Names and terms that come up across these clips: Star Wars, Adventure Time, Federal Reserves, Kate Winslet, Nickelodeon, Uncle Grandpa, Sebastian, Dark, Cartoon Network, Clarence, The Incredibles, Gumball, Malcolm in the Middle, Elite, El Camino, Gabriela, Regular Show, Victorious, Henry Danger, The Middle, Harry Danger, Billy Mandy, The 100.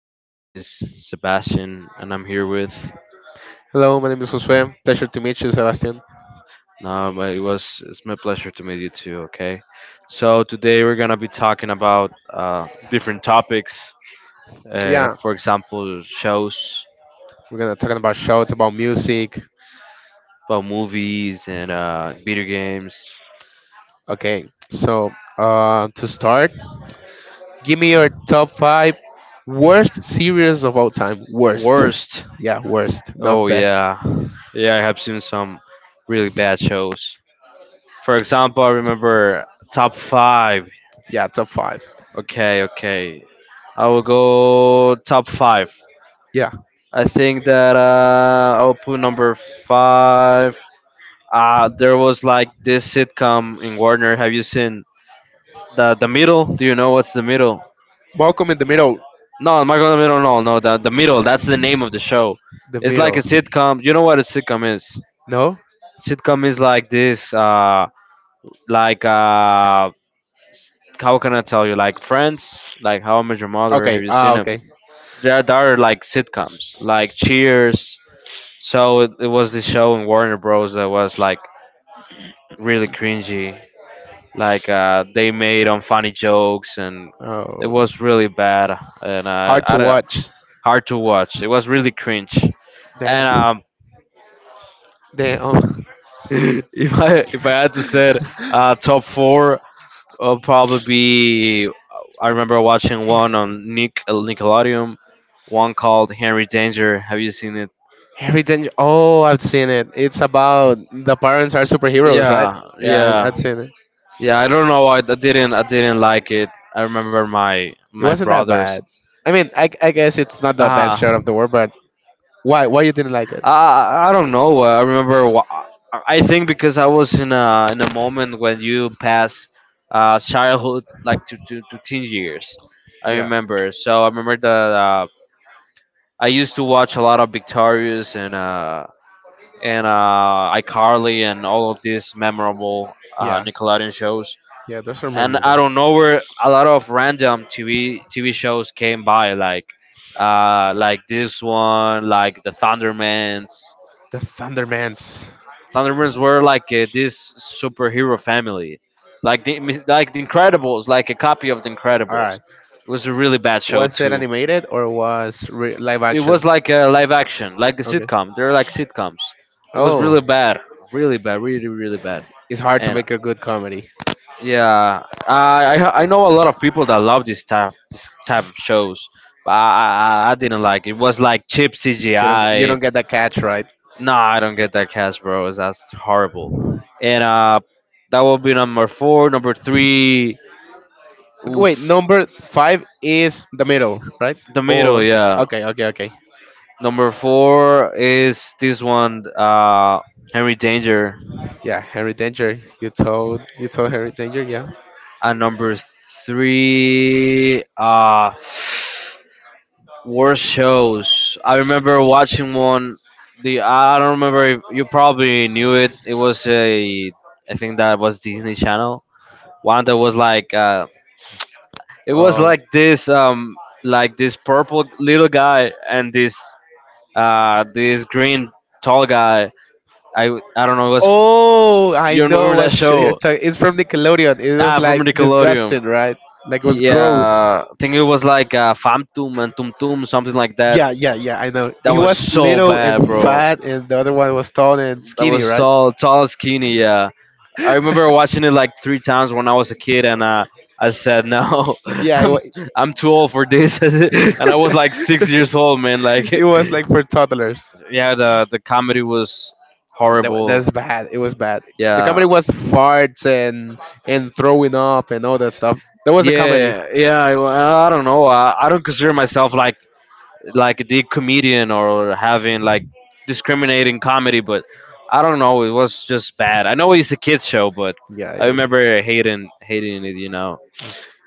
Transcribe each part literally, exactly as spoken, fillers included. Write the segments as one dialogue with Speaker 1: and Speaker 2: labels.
Speaker 1: Uh, my name is Sebastian, and I'm here with.
Speaker 2: Hello, my name is Josue. Pleasure to meet you, Sebastian.
Speaker 1: No, but it was it's my pleasure to meet you too. Okay, so today we're gonna be talking about uh, different topics. Uh,
Speaker 2: Yeah,
Speaker 1: for example, shows,
Speaker 2: we're gonna talking about shows, about music.
Speaker 1: about movies and uh, video games.
Speaker 2: Okay, so uh, to start, give me your top five worst series of all time. Worst.
Speaker 1: Worst?
Speaker 2: Yeah, worst, not
Speaker 1: Oh
Speaker 2: best.
Speaker 1: yeah, yeah. I have seen some really bad shows. For example, I remember top five.
Speaker 2: Yeah, top five.
Speaker 1: Okay, okay. I will go top five.
Speaker 2: Yeah,
Speaker 1: I think that uh, I'll put number five. Uh, there was like this sitcom in Warner. Have you seen the the middle? Do you know what's the middle?
Speaker 2: Malcolm in the Middle.
Speaker 1: No, Michael the middle. No, no, the the middle. That's the name of the show.
Speaker 2: The
Speaker 1: It's like
Speaker 2: Middle.
Speaker 1: a sitcom. You know what a sitcom is?
Speaker 2: No.
Speaker 1: Sitcom is like this. Uh, like uh, how can I tell you? Like Friends. Like How I Met Your Mother. Have
Speaker 2: Okay.
Speaker 1: you seen
Speaker 2: Ah, okay.
Speaker 1: there, there are like sitcoms like Cheers. So it, it was this show in Warner Bros. That was like really cringy. Like uh, they made unfunny jokes and it
Speaker 2: Oh,
Speaker 1: was really bad and uh,
Speaker 2: hard
Speaker 1: I,
Speaker 2: to
Speaker 1: don't-
Speaker 2: watch.
Speaker 1: hard to watch. It was really cringe. And
Speaker 2: Damn.
Speaker 1: um,
Speaker 2: Damn. Oh.
Speaker 1: if I if I had to say it, uh, top four, will probably be. uh, I remember watching one on Nick Nickelodeon, one called Henry Danger. Have you seen it?
Speaker 2: Harry Danger. Oh, I've seen it. It's about the parents are superheroes, right?
Speaker 1: Yeah,
Speaker 2: Yeah, I, I've
Speaker 1: yeah.
Speaker 2: seen it.
Speaker 1: Yeah, I don't know. I, I didn't. I didn't like it. I remember my
Speaker 2: It
Speaker 1: my
Speaker 2: wasn't that
Speaker 1: brothers.
Speaker 2: bad. I mean, I, I guess it's not the best
Speaker 1: Ah,
Speaker 2: shot of the world, but why why you didn't like it?
Speaker 1: I I don't know. I remember. wh- I I think because I was in a in a moment when you pass uh, childhood like to, to to teen years. I
Speaker 2: Yeah.
Speaker 1: remember. So I remember that uh, I used to watch a lot of Victorious and uh and uh iCarly and all of these memorable uh,
Speaker 2: Yeah.
Speaker 1: Nickelodeon shows.
Speaker 2: Yeah, those are
Speaker 1: And I
Speaker 2: memorable.
Speaker 1: don't know where a lot of random T V TV shows came by, like uh, like this one, like the Thundermans.
Speaker 2: The Thundermans.
Speaker 1: Thundermans were like uh, this superhero family, like the like the Incredibles, like a copy of the
Speaker 2: All
Speaker 1: Incredibles.
Speaker 2: right.
Speaker 1: It was a really bad show
Speaker 2: Was it
Speaker 1: too.
Speaker 2: animated or was re- live
Speaker 1: It
Speaker 2: action?
Speaker 1: was like a live action, like a
Speaker 2: Okay.
Speaker 1: sitcom. They're like sitcoms. It was
Speaker 2: Oh,
Speaker 1: really bad, really bad, really really bad.
Speaker 2: it's hard to
Speaker 1: And
Speaker 2: make a good comedy.
Speaker 1: yeah, I I I know a lot of people that love this type this type of shows, but I I, I didn't like it. It was like cheap
Speaker 2: You don't you
Speaker 1: C G I.
Speaker 2: don't get the catch right.
Speaker 1: No, I don't get that cast, bro. That's horrible. And uh, that will be number four. Number three,
Speaker 2: Okay,
Speaker 1: oof,
Speaker 2: wait, number five is the Middle, right?
Speaker 1: the middle.
Speaker 2: Or
Speaker 1: Yeah,
Speaker 2: okay, okay, okay.
Speaker 1: number four is this one. Uh, Henry Danger.
Speaker 2: Yeah, Harry Danger. You told you told Harry Danger, yeah.
Speaker 1: And number three, uh. Worst shows. I remember watching one. The I don't remember if you probably knew it. It was a I think that was Disney Channel. One that was like uh, it was
Speaker 2: Um.
Speaker 1: like this um like this purple little guy and this
Speaker 2: uh,
Speaker 1: uh this
Speaker 2: green,
Speaker 1: green tall
Speaker 2: tall guy.
Speaker 1: guy. I I don't
Speaker 2: I, I
Speaker 1: know. It
Speaker 2: don't
Speaker 1: was
Speaker 2: Oh, I
Speaker 1: you
Speaker 2: know
Speaker 1: remember that
Speaker 2: what show you're
Speaker 1: show?
Speaker 2: talking. It's from Nickelodeon. It was
Speaker 1: Ah, from
Speaker 2: like
Speaker 1: Nickelodeon.
Speaker 2: disgusting, right? Like it was gross.
Speaker 1: Yeah, I think it was like uh, Famtum and Tum Tum, something like that.
Speaker 2: Yeah, yeah, yeah. I know.
Speaker 1: That
Speaker 2: He
Speaker 1: was
Speaker 2: was
Speaker 1: so
Speaker 2: little and
Speaker 1: bad, bro.
Speaker 2: fat, and the other one was tall and
Speaker 1: That
Speaker 2: skinny,
Speaker 1: was
Speaker 2: right?
Speaker 1: tall, tall, and skinny. Yeah, I remember watching it like three times when I was a kid, and uh, I said, "No,
Speaker 2: yeah, it
Speaker 1: I'm
Speaker 2: was.
Speaker 1: I'm too old for this." And I was like six years old, man. Like,
Speaker 2: it was like for toddlers.
Speaker 1: yeah, the the comedy was
Speaker 2: That, wa-
Speaker 1: horrible.
Speaker 2: that's bad. It was bad. The
Speaker 1: Yeah,
Speaker 2: comedy was farts and and throwing up and all that stuff. That was the comedy.
Speaker 1: yeah, yeah. I, I don't know. I, I don't consider myself like like the comedian or having like discriminating comedy, but I don't know. It was just bad. I know it's a kids show, but
Speaker 2: Yeah,
Speaker 1: I
Speaker 2: it is.
Speaker 1: remember hating hating it. You know.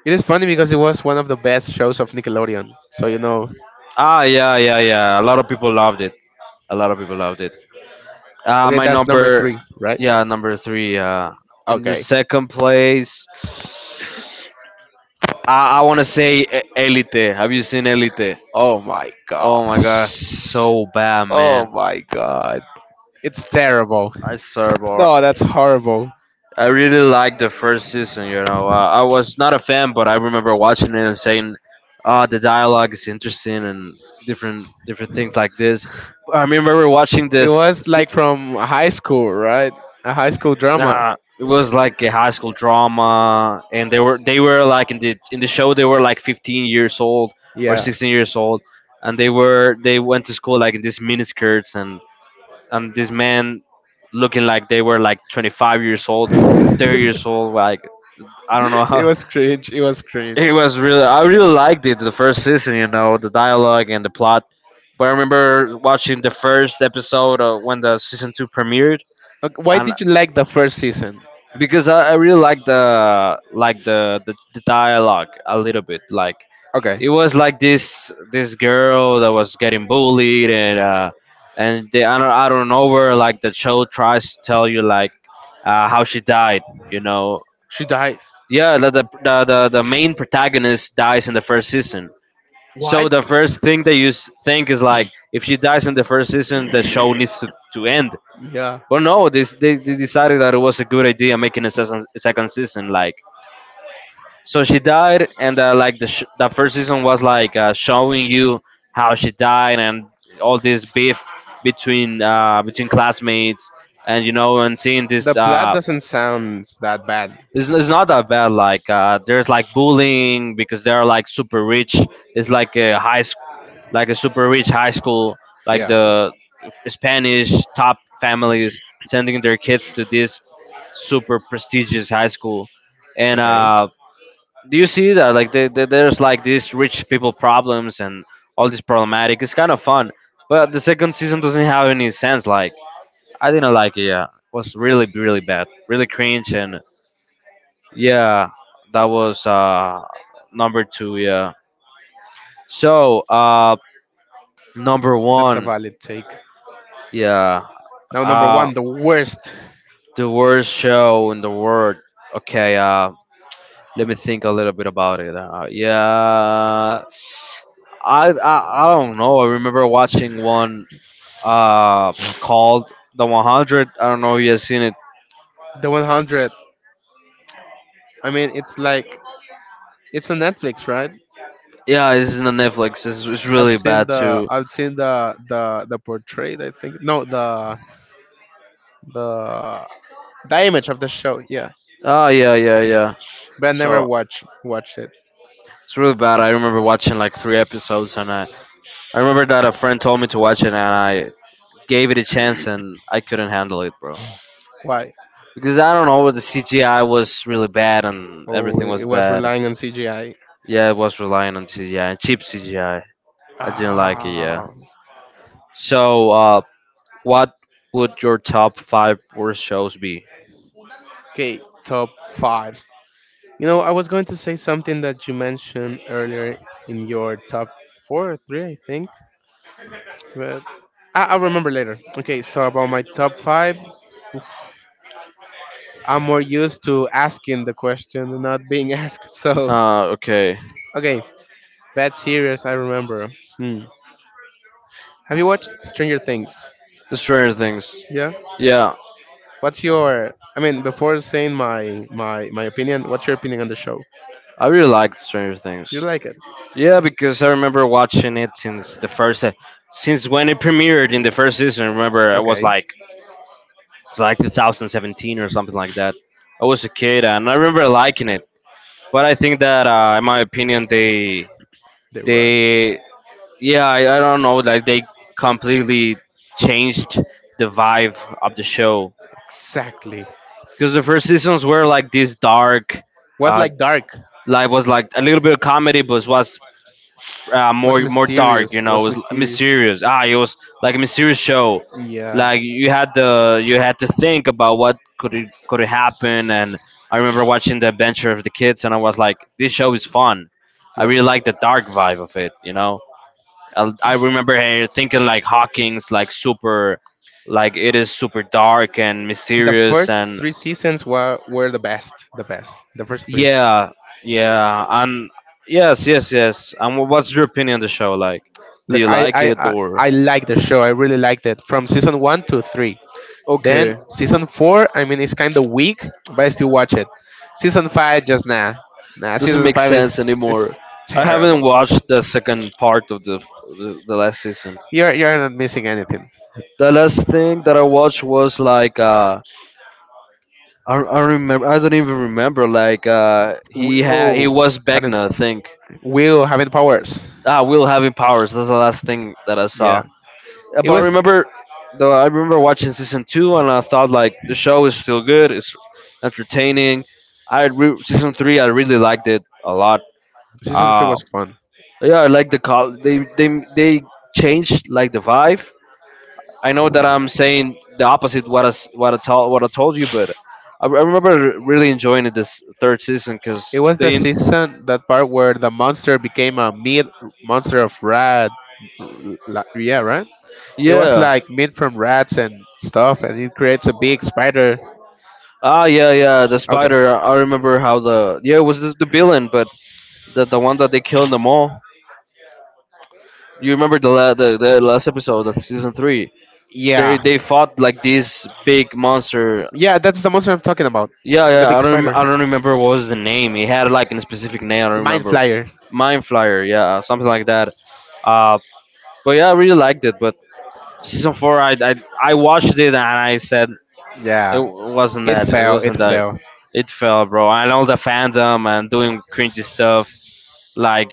Speaker 2: It is funny because it was one of the best shows of Nickelodeon. So, you know.
Speaker 1: Ah, yeah, yeah, yeah. A lot of people loved it. A lot of people loved it. Uh,
Speaker 2: Okay,
Speaker 1: my
Speaker 2: that's number
Speaker 1: number,
Speaker 2: three, right?
Speaker 1: yeah, number three. Uh, in the
Speaker 2: Okay.
Speaker 1: second place, I, I want to say E- Elite. Have you seen Elite?
Speaker 2: Oh my
Speaker 1: Oh my god, it's
Speaker 2: gosh.
Speaker 1: so bad,
Speaker 2: Oh
Speaker 1: man.
Speaker 2: my god. It's terrible.
Speaker 1: It's terrible.
Speaker 2: No, that's horrible.
Speaker 1: I really liked the first season, you know. Uh, I was not a fan, but I remember watching it and saying, "Ah, the dialogue is interesting and different different things like this." I remember watching
Speaker 2: It
Speaker 1: this.
Speaker 2: was like from high school, right? A high school drama.
Speaker 1: Uh, it
Speaker 2: Yeah.
Speaker 1: was like a high school drama, and they were they were like in the in the show they were like fifteen years old or
Speaker 2: Yeah.
Speaker 1: sixteen years old, and they were they went to school like in these miniskirts and and this man looking like they were like twenty-five years old, thirty years old, like I don't know
Speaker 2: it
Speaker 1: how
Speaker 2: was cringe. It was cringe.
Speaker 1: it was really I really liked it the first season, you know, the dialogue and the plot. But I remember watching the first episode uh, when the season two premiered,
Speaker 2: Okay, why
Speaker 1: and.
Speaker 2: did you like the first season?
Speaker 1: Because I, I really like the like the, the the dialogue a little bit. Like
Speaker 2: Okay.
Speaker 1: it was like this this girl that was getting bullied and uh, and they I don't I don't know where like the show tries to tell you like uh, how she died. You know,
Speaker 2: She dies.
Speaker 1: yeah, the the, the the the main protagonist dies in the first season. So
Speaker 2: What?
Speaker 1: the first thing that you s- think is like, if she dies in the first season, the show needs to, to end.
Speaker 2: Yeah.
Speaker 1: Well, no, this they, they decided that it was a good idea making a second, second season. Like so she died, and uh, like the sh- the first season was like uh, showing you how she died and all this beef between uh, between classmates, and you know, and seeing
Speaker 2: The
Speaker 1: this.
Speaker 2: plot
Speaker 1: Uh,
Speaker 2: doesn't sound that bad.
Speaker 1: it's, it's not that bad. Like uh, there's like bullying because they're like super rich. It's like a high sch- like a super rich high school. Like
Speaker 2: Yeah.
Speaker 1: the Spanish top families sending their kids to this super prestigious high school, and
Speaker 2: Okay.
Speaker 1: uh, do you see that like the, the, there's like these rich people problems and all this problematic it's kind of fun but the second season doesn't have any sense like I didn't like it yeah it was really really bad really cringe and yeah that was uh number two yeah so uh number
Speaker 2: That's a one,
Speaker 1: one
Speaker 2: valid take.
Speaker 1: yeah
Speaker 2: Now, number
Speaker 1: uh
Speaker 2: one, the worst,
Speaker 1: the worst show in the world okay uh. Let me think a little bit about it. Uh, yeah, I, I I don't know. I remember watching one uh called The one hundred. I don't know if you have seen it.
Speaker 2: the one hundred. I mean, it's like it's on Netflix, right?
Speaker 1: Yeah, it's in the Netflix. It's, it's
Speaker 2: I've
Speaker 1: really
Speaker 2: seen
Speaker 1: bad
Speaker 2: the
Speaker 1: too.
Speaker 2: I've seen the the the portrait. I think, no, the the the image of the show. Yeah,
Speaker 1: Oh yeah, yeah, yeah.
Speaker 2: but I never
Speaker 1: So
Speaker 2: watch watched it.
Speaker 1: it's really bad. I remember watching like three episodes, and I I remember that a friend told me to watch it, and I gave it a chance, and I couldn't handle it, bro.
Speaker 2: Why?
Speaker 1: Because I don't know, the C G I was really bad, and
Speaker 2: Oh,
Speaker 1: everything
Speaker 2: it it
Speaker 1: was
Speaker 2: was
Speaker 1: bad.
Speaker 2: relying on C G I.
Speaker 1: Yeah, it was relying on C G I, cheap C G I. I I didn't like it. Yeah.
Speaker 2: Ah,
Speaker 1: So, uh, what would your top five worst shows be?
Speaker 2: okay, top five. You know, I was going to say something that you mentioned earlier in your top four or three, I think, but I- I'll remember later. Okay, so about my top five, I'm more used to asking the question and not being asked. So,
Speaker 1: Uh, okay.
Speaker 2: okay, bad series, I remember. Hmm. Have you watched Stranger Things?
Speaker 1: Stranger Things.
Speaker 2: Yeah.
Speaker 1: Yeah,
Speaker 2: What's your? I mean, before saying my my my opinion, what's your opinion on the show?
Speaker 1: I really liked Stranger
Speaker 2: You
Speaker 1: Things.
Speaker 2: like it?
Speaker 1: Yeah, because I remember watching it since the first, se- since when it premiered in the first season. I remember I was
Speaker 2: Okay.
Speaker 1: like, it was like twenty seventeen or something like that. I was a kid and I remember liking it. But I think that, uh, in my opinion, they
Speaker 2: The rush.
Speaker 1: they yeah I, I don't know like they completely changed the vibe of the show
Speaker 2: Exactly.
Speaker 1: because the first seasons were like this dark
Speaker 2: Was
Speaker 1: uh
Speaker 2: like dark.
Speaker 1: life was like a little bit of comedy but it was uh,
Speaker 2: Was
Speaker 1: more more dark you
Speaker 2: mysterious.
Speaker 1: know it
Speaker 2: Was
Speaker 1: was
Speaker 2: mysterious.
Speaker 1: mysterious ah it was like a mysterious show
Speaker 2: Yeah.
Speaker 1: like you had the you had to think about what could it could it happen and I remember watching the adventure of the kids and I was like this show is fun I
Speaker 2: Yeah.
Speaker 1: really like the dark vibe of it you know I I remember her thinking like Hawking's like super, like it is super dark and
Speaker 2: The
Speaker 1: mysterious
Speaker 2: first
Speaker 1: and
Speaker 2: three seasons were were the best. The best. The first three.
Speaker 1: yeah, yeah, and yes, yes, yes. And wha- what's your opinion on the show? Like, do
Speaker 2: Look,
Speaker 1: you
Speaker 2: I
Speaker 1: like
Speaker 2: I
Speaker 1: it
Speaker 2: I,
Speaker 1: or
Speaker 2: I like the show. I really liked it from season one to three. Then
Speaker 1: okay?
Speaker 2: season four, I mean, it's kind of weak, but I still watch it. Season five, just nah, nah.
Speaker 1: Doesn't
Speaker 2: Season
Speaker 1: make
Speaker 2: five
Speaker 1: sense
Speaker 2: is
Speaker 1: anymore.
Speaker 2: is
Speaker 1: I haven't
Speaker 2: terrible.
Speaker 1: watched the second part of the the, the last season.
Speaker 2: You're you're not missing anything.
Speaker 1: The last thing that I watched was like uh. I, I remember I don't even remember like uh, he had he
Speaker 2: Will
Speaker 1: was
Speaker 2: having
Speaker 1: Begna I think.
Speaker 2: Will having powers.
Speaker 1: Ah, Will having powers. That's the last thing that I
Speaker 2: Yeah,
Speaker 1: saw. Uh,
Speaker 2: it
Speaker 1: But I
Speaker 2: was.
Speaker 1: remember, though, I remember watching season two, and I thought like the show is still good. It's entertaining. I re- season three, I really liked it a lot.
Speaker 2: Season three
Speaker 1: Uh
Speaker 2: was fun.
Speaker 1: yeah, I like the call. They they they changed like the vibe. I know that I'm saying the opposite what I s- what I told what I told you, but I, I remember really enjoying it this third season
Speaker 2: It
Speaker 1: because
Speaker 2: was the
Speaker 1: they
Speaker 2: season that part where the monster became a meat monster of rat. La, yeah, right? It was
Speaker 1: yeah
Speaker 2: like made from rats and stuff, and it creates a big spider.
Speaker 1: ah yeah yeah the
Speaker 2: Okay.
Speaker 1: spider. I I remember how the yeah it was the, the villain, but the the one that they killed in the mall. You remember the la- the, the last episode of season three? They
Speaker 2: Yeah.
Speaker 1: they fought like this big monster.
Speaker 2: Yeah, that's the monster I'm talking about.
Speaker 1: Yeah,
Speaker 2: The
Speaker 1: yeah.
Speaker 2: big
Speaker 1: I don't I
Speaker 2: spider.
Speaker 1: don't remember what was the name. He had like a specific name. I don't
Speaker 2: The mind
Speaker 1: remember.
Speaker 2: flyer.
Speaker 1: Mind Flyer. Yeah, something like that. Uh, but yeah, I really liked it. But season four, I I, I watched it and I said it
Speaker 2: Yeah.
Speaker 1: w- wasn't
Speaker 2: It
Speaker 1: that. It
Speaker 2: fell. It
Speaker 1: wasn't that.
Speaker 2: fell.
Speaker 1: It fell, bro. I know the fandom and doing cringy stuff like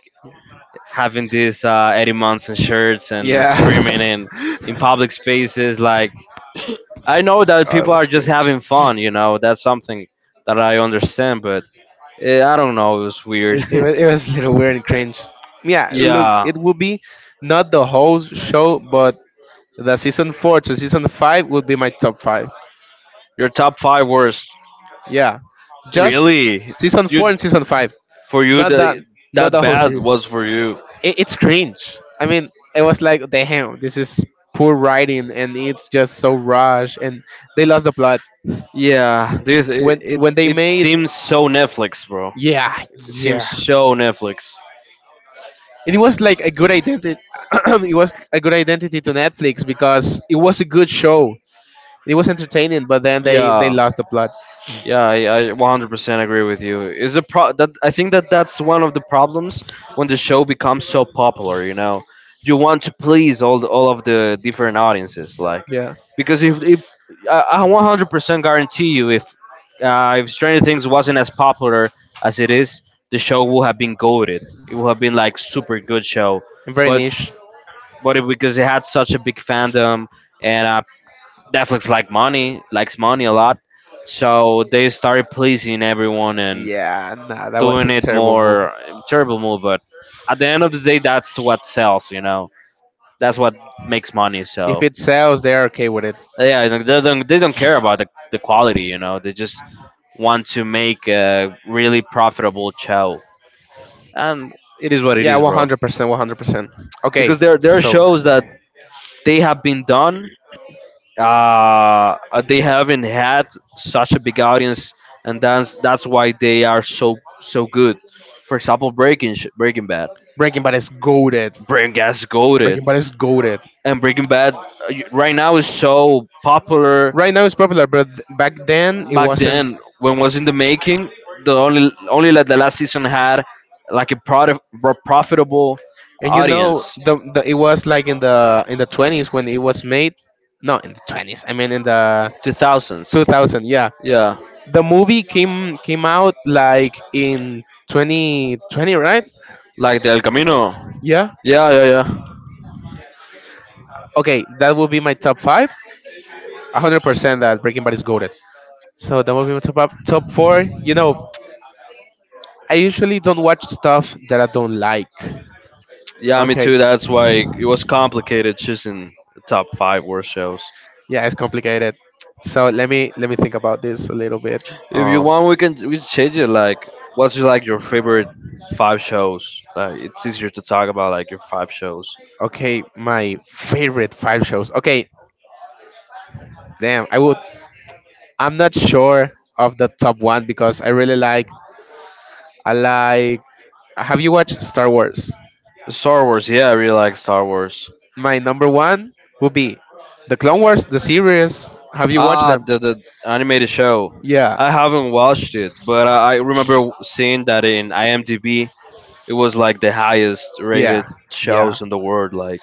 Speaker 1: having these uh, Eddie Munson shirts and screaming
Speaker 2: Yeah.
Speaker 1: in in public spaces. Like I know that
Speaker 2: oh, it
Speaker 1: people are
Speaker 2: was
Speaker 1: just
Speaker 2: cringe.
Speaker 1: having fun. You know, that's something that I understand. But eh, I don't know. It was weird.
Speaker 2: It, it, was, it was a little weird and cringe. Yeah, look,
Speaker 1: Yeah,
Speaker 2: it will be not the whole show, but the season four to season five would be my top five.
Speaker 1: your top five worst.
Speaker 2: Yeah, just
Speaker 1: Really,
Speaker 2: season
Speaker 1: you
Speaker 2: four and season five,
Speaker 1: for you
Speaker 2: not
Speaker 1: the,
Speaker 2: the not
Speaker 1: that
Speaker 2: the whole
Speaker 1: bad
Speaker 2: series.
Speaker 1: was for you.
Speaker 2: It, it's cringe. I mean, it was like, damn, this is poor writing, and it's just so rushed, and they lost the plot
Speaker 1: Yeah, dude, it,
Speaker 2: when
Speaker 1: it
Speaker 2: when they
Speaker 1: it
Speaker 2: made.
Speaker 1: seems so Netflix, bro.
Speaker 2: Yeah,
Speaker 1: It seems
Speaker 2: yeah.
Speaker 1: so Netflix.
Speaker 2: And it was like a good identity. It was a good identity to Netflix because it was a good show. It was entertaining, but then they they
Speaker 1: Yeah,
Speaker 2: lost the plot.
Speaker 1: yeah, I, I one hundred percent agree with you. Is a pro that I think that that's one of the problems when the show becomes so popular. You know, you want to please all the, all of the different audiences, like
Speaker 2: Yeah,
Speaker 1: because if, if I, I one hundred percent guarantee you, if uh, if Stranger Things wasn't as popular as it is, the show would have been goaded. It would have been like super good show,
Speaker 2: and very
Speaker 1: but
Speaker 2: niche.
Speaker 1: but it, because it had such a big fandom and uh, Netflix like money, likes money a lot, so they started pleasing everyone and
Speaker 2: Yeah, nah, that was
Speaker 1: doing
Speaker 2: a
Speaker 1: it
Speaker 2: terrible move.
Speaker 1: more. Terrible move. But at the end of the day, that's what sells. You know, that's what makes money.
Speaker 2: If
Speaker 1: So
Speaker 2: it sells, they're okay with it.
Speaker 1: yeah, they don't they don't care about the, the quality. You know, they just want to make a really profitable show, and it is what it
Speaker 2: Yeah,
Speaker 1: is, bro.
Speaker 2: one hundred percent, one hundred percent. Okay,
Speaker 1: Because there there are
Speaker 2: so.
Speaker 1: shows that they have been done, uh, they haven't had such a big audience, and that's that's why they are so so good. For example, Breaking Sh- Breaking Bad,
Speaker 2: Breaking Bad is goaded.
Speaker 1: Breaking Bad's Goated,
Speaker 2: Breaking Bad is goaded.
Speaker 1: and Breaking Bad uh, y- right now is so popular.
Speaker 2: Right now it's popular, but back then it
Speaker 1: Back
Speaker 2: wasn't.
Speaker 1: then, when it was in the making, the only only like the last season had like a product, profitable
Speaker 2: And you know,
Speaker 1: audience,
Speaker 2: the, the it was like in the in the twenties when it was made. No, in the twenties. I mean, in the
Speaker 1: two
Speaker 2: two
Speaker 1: thousands.
Speaker 2: thousand. Yeah,
Speaker 1: Yeah,
Speaker 2: the movie came came out like in twenty twenty, right?
Speaker 1: like the El Camino.
Speaker 2: Yeah.
Speaker 1: Yeah, yeah, yeah.
Speaker 2: Okay, that will be my top five. A hundred percent that Breaking Bad is goaded. So that will be my top up, top four. You know, I usually don't watch stuff that I don't like.
Speaker 1: Yeah, me
Speaker 2: Okay.
Speaker 1: too. That's why it was complicated choosing the top five worst shows.
Speaker 2: Yeah, it's complicated. So let me let me think about this a little bit.
Speaker 1: If you
Speaker 2: Um,
Speaker 1: want, we can we change it. Like, what's your, like your favorite five shows? Like, it's easier to talk about like your five shows.
Speaker 2: Okay, my favorite five shows. Okay, damn, I would. I'm not sure of the top one because I really like. I like. Have you watched Star Wars?
Speaker 1: Star Wars. Yeah, I really like Star Wars.
Speaker 2: My number one would be the Clone Wars, the series. Have you watched
Speaker 1: Ah,
Speaker 2: them?
Speaker 1: the the animated show.
Speaker 2: Yeah,
Speaker 1: I haven't watched it, but I, I remember seeing that in IMDb. It was like the highest rated
Speaker 2: yeah, yeah.
Speaker 1: shows in the world. Like,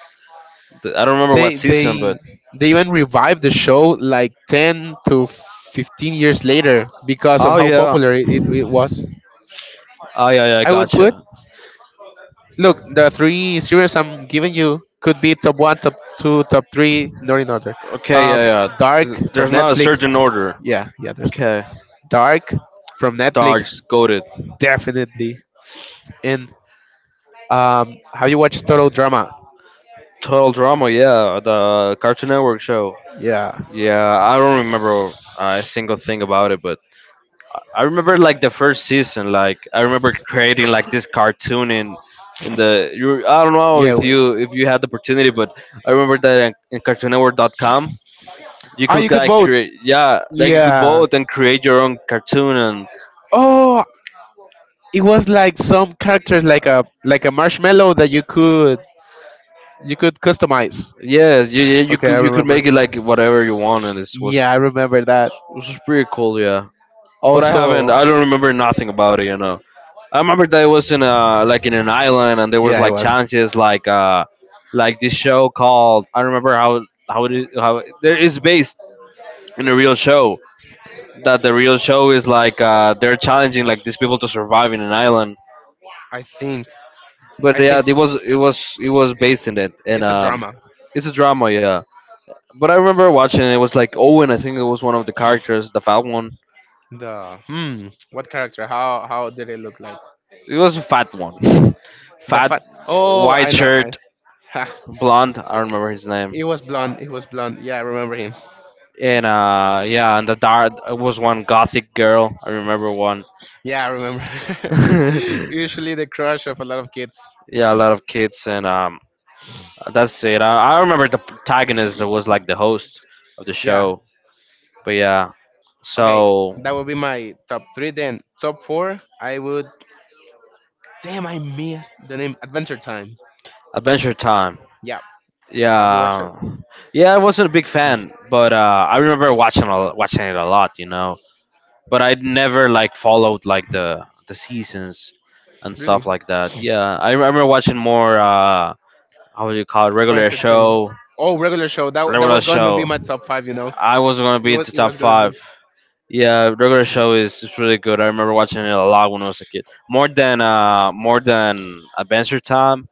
Speaker 1: the, I don't remember what
Speaker 2: They
Speaker 1: season, but
Speaker 2: they they even revived the show like ten to fifteen years later because of
Speaker 1: oh
Speaker 2: how
Speaker 1: yeah,
Speaker 2: popular it, it was.
Speaker 1: oh yeah, yeah,
Speaker 2: I would put
Speaker 1: gotcha.
Speaker 2: Look, the three series I'm giving you could be top one, top two, top three, not in order.
Speaker 1: Okay, yeah,
Speaker 2: Um,
Speaker 1: yeah.
Speaker 2: Dark
Speaker 1: There's
Speaker 2: from
Speaker 1: there's not a
Speaker 2: Netflix.
Speaker 1: certain order.
Speaker 2: Yeah, yeah, there's none.
Speaker 1: Okay.
Speaker 2: Dark from Netflix,
Speaker 1: Dogs, goaded.
Speaker 2: definitely. And um, have you watched Total Drama?
Speaker 1: Total drama, yeah. The Cartoon Network show.
Speaker 2: Yeah,
Speaker 1: Yeah, I don't remember uh, a single thing about it, but I remember like the first season. Like I remember creating like this cartoon in in the. You, I don't know
Speaker 2: yeah.
Speaker 1: if
Speaker 2: w-
Speaker 1: you if you had the opportunity, but I remember that in Cartoon CartoonNetwork.com you
Speaker 2: Ah, you
Speaker 1: could
Speaker 2: could
Speaker 1: like
Speaker 2: vote.
Speaker 1: create, yeah, like you could
Speaker 2: Yeah.
Speaker 1: vote and create your own cartoon. And
Speaker 2: Oh, it was like some characters, like a like a marshmallow that you could you could customize.
Speaker 1: yeah, you you you
Speaker 2: Okay, I
Speaker 1: could you could
Speaker 2: remember.
Speaker 1: make it like whatever you want, and it was,
Speaker 2: Yeah, I remember that.
Speaker 1: this was pretty cool. Yeah, but I haven't.
Speaker 2: Also,
Speaker 1: I don't remember nothing about it. You know, I remember that it was in a like in an island, and there was
Speaker 2: yeah, it
Speaker 1: like
Speaker 2: was.
Speaker 1: challenges, like uh, like this show called. I remember how how it is, how it- there is based in a real show. That the real show is like uh, they're challenging like these people to survive in an island.
Speaker 2: I think
Speaker 1: But
Speaker 2: I
Speaker 1: yeah,
Speaker 2: think
Speaker 1: it was it was it was based in it, and
Speaker 2: it's a
Speaker 1: um,
Speaker 2: drama.
Speaker 1: it's a drama. Yeah. But I remember watching it. It was like Owen. I think it was one of the characters, the fat one.
Speaker 2: The hmm, what character? How how did it look like?
Speaker 1: It was a fat one,
Speaker 2: The
Speaker 1: fat,
Speaker 2: fat. Oh,
Speaker 1: white
Speaker 2: I know.
Speaker 1: shirt,
Speaker 2: I.
Speaker 1: blonde. I don't remember his name.
Speaker 2: it was blonde. It was blonde. Yeah, I remember him.
Speaker 1: And uh, yeah, and the dark it was one gothic girl. I remember one.
Speaker 2: Yeah, I remember.
Speaker 1: Yeah,
Speaker 2: Usually the crush of a lot of kids.
Speaker 1: a lot of kids, and um, that's it. I, I remember the protagonist that was like the host of the
Speaker 2: Yeah.
Speaker 1: show. But yeah,
Speaker 2: Okay,
Speaker 1: so
Speaker 2: that would be my top three. Then top four, I would. Damn, I missed the name Adventure Time.
Speaker 1: Adventure Time.
Speaker 2: Yeah. Have you watched it?
Speaker 1: Yeah, yeah, I wasn't a big fan, but uh, I remember watching a, watching it a lot, you know. But I never like followed like the the seasons and
Speaker 2: Really?
Speaker 1: stuff like that. Yeah, I remember watching more. Uh, how would you call it?
Speaker 2: For
Speaker 1: Regular
Speaker 2: entertainment.
Speaker 1: show.
Speaker 2: Oh, Regular Show. That that
Speaker 1: Regular
Speaker 2: was gonna be
Speaker 1: show.
Speaker 2: my top five. You know,
Speaker 1: I was not gonna
Speaker 2: it
Speaker 1: be
Speaker 2: was
Speaker 1: into
Speaker 2: it
Speaker 1: top
Speaker 2: was gonna be.
Speaker 1: five. Yeah, regular show is is really good. I remember watching it a lot when I was a kid. More than uh, more than Adventure Time,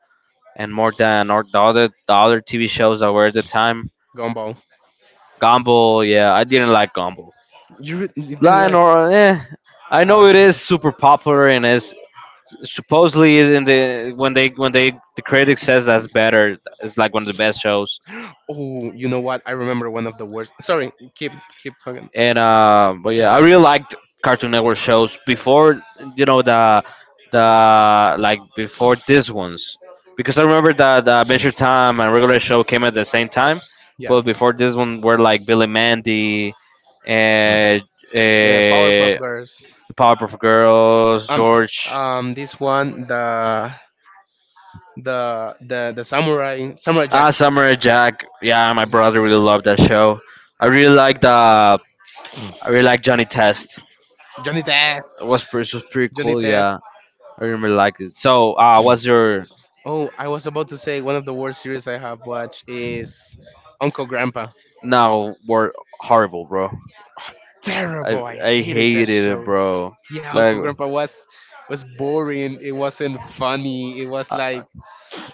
Speaker 1: and more than or the other the other T V shows that were at the time.
Speaker 2: Gumball.
Speaker 1: Gumball, yeah, I didn't like Gumball.
Speaker 2: You re- you didn't
Speaker 1: Lion
Speaker 2: like.
Speaker 1: or eh, I
Speaker 2: Uh,
Speaker 1: know it is super popular and is supposedly is in the when they when they the critic says that's better. It's like one of the best shows.
Speaker 2: oh, you know what? I remember one of the worst. Sorry, keep keep talking.
Speaker 1: And uh, but yeah, I really liked Cartoon Network shows before, you know, the the like before these ones, because I remember that the Adventure Time and Regular Show came at the same time,
Speaker 2: Yeah,
Speaker 1: but before this one were like Billy Mandy and.
Speaker 2: the Powerpuff
Speaker 1: uh.
Speaker 2: Girls.
Speaker 1: Powerpuff Girls,
Speaker 2: Um,
Speaker 1: George,
Speaker 2: um, this one, the the the the samurai samurai Jack,
Speaker 1: ah, Samurai Jack. Yeah, my brother really loved that show. I really liked uh, I really liked Johnny Test.
Speaker 2: Johnny
Speaker 1: It was
Speaker 2: Test,
Speaker 1: pretty, it was pretty
Speaker 2: Johnny
Speaker 1: cool.
Speaker 2: Test.
Speaker 1: Yeah, I really liked it. So, uh, what's your
Speaker 2: Oh, I was about to say one of the worst series I have watched is Uncle Grandpa.
Speaker 1: now word horrible, bro? I
Speaker 2: Terrible. I
Speaker 1: I
Speaker 2: hated that
Speaker 1: hated it,
Speaker 2: show.
Speaker 1: bro.
Speaker 2: Yeah,
Speaker 1: Like
Speaker 2: Uncle Grandpa was was boring. It wasn't funny. It was like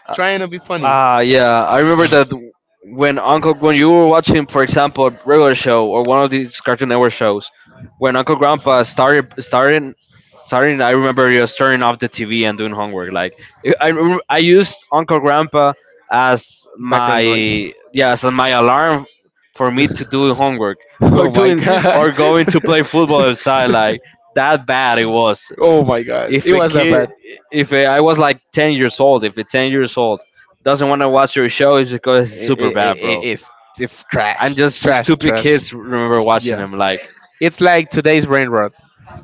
Speaker 1: Uh,
Speaker 2: trying to be funny.
Speaker 1: ah, yeah. I remember that when Uncle, when you were watching, for example, a regular show or one of these Cartoon Network shows, when Uncle Grandpa started started starting, I remember you was turning off the T V and doing homework. Like I, I rem- I used Uncle Grandpa as my,
Speaker 2: Background noise.
Speaker 1: yeah, as my alarm for me to do homework, or
Speaker 2: Oh my
Speaker 1: doing
Speaker 2: god.
Speaker 1: or going to play football outside. Like that bad it was.
Speaker 2: Oh my god,
Speaker 1: If
Speaker 2: it
Speaker 1: a
Speaker 2: was that
Speaker 1: kid,
Speaker 2: bad.
Speaker 1: if a, I was like ten years old. If a ten years old doesn't want to watch your show, it's because it's
Speaker 2: it,
Speaker 1: super
Speaker 2: it, it,
Speaker 1: bad,
Speaker 2: it-
Speaker 1: bro.
Speaker 2: it's it's
Speaker 1: And
Speaker 2: trash,
Speaker 1: just
Speaker 2: trash,
Speaker 1: stupid
Speaker 2: trash.
Speaker 1: kids remember watching
Speaker 2: Yeah,
Speaker 1: them. Like
Speaker 2: it's like today's brain rot.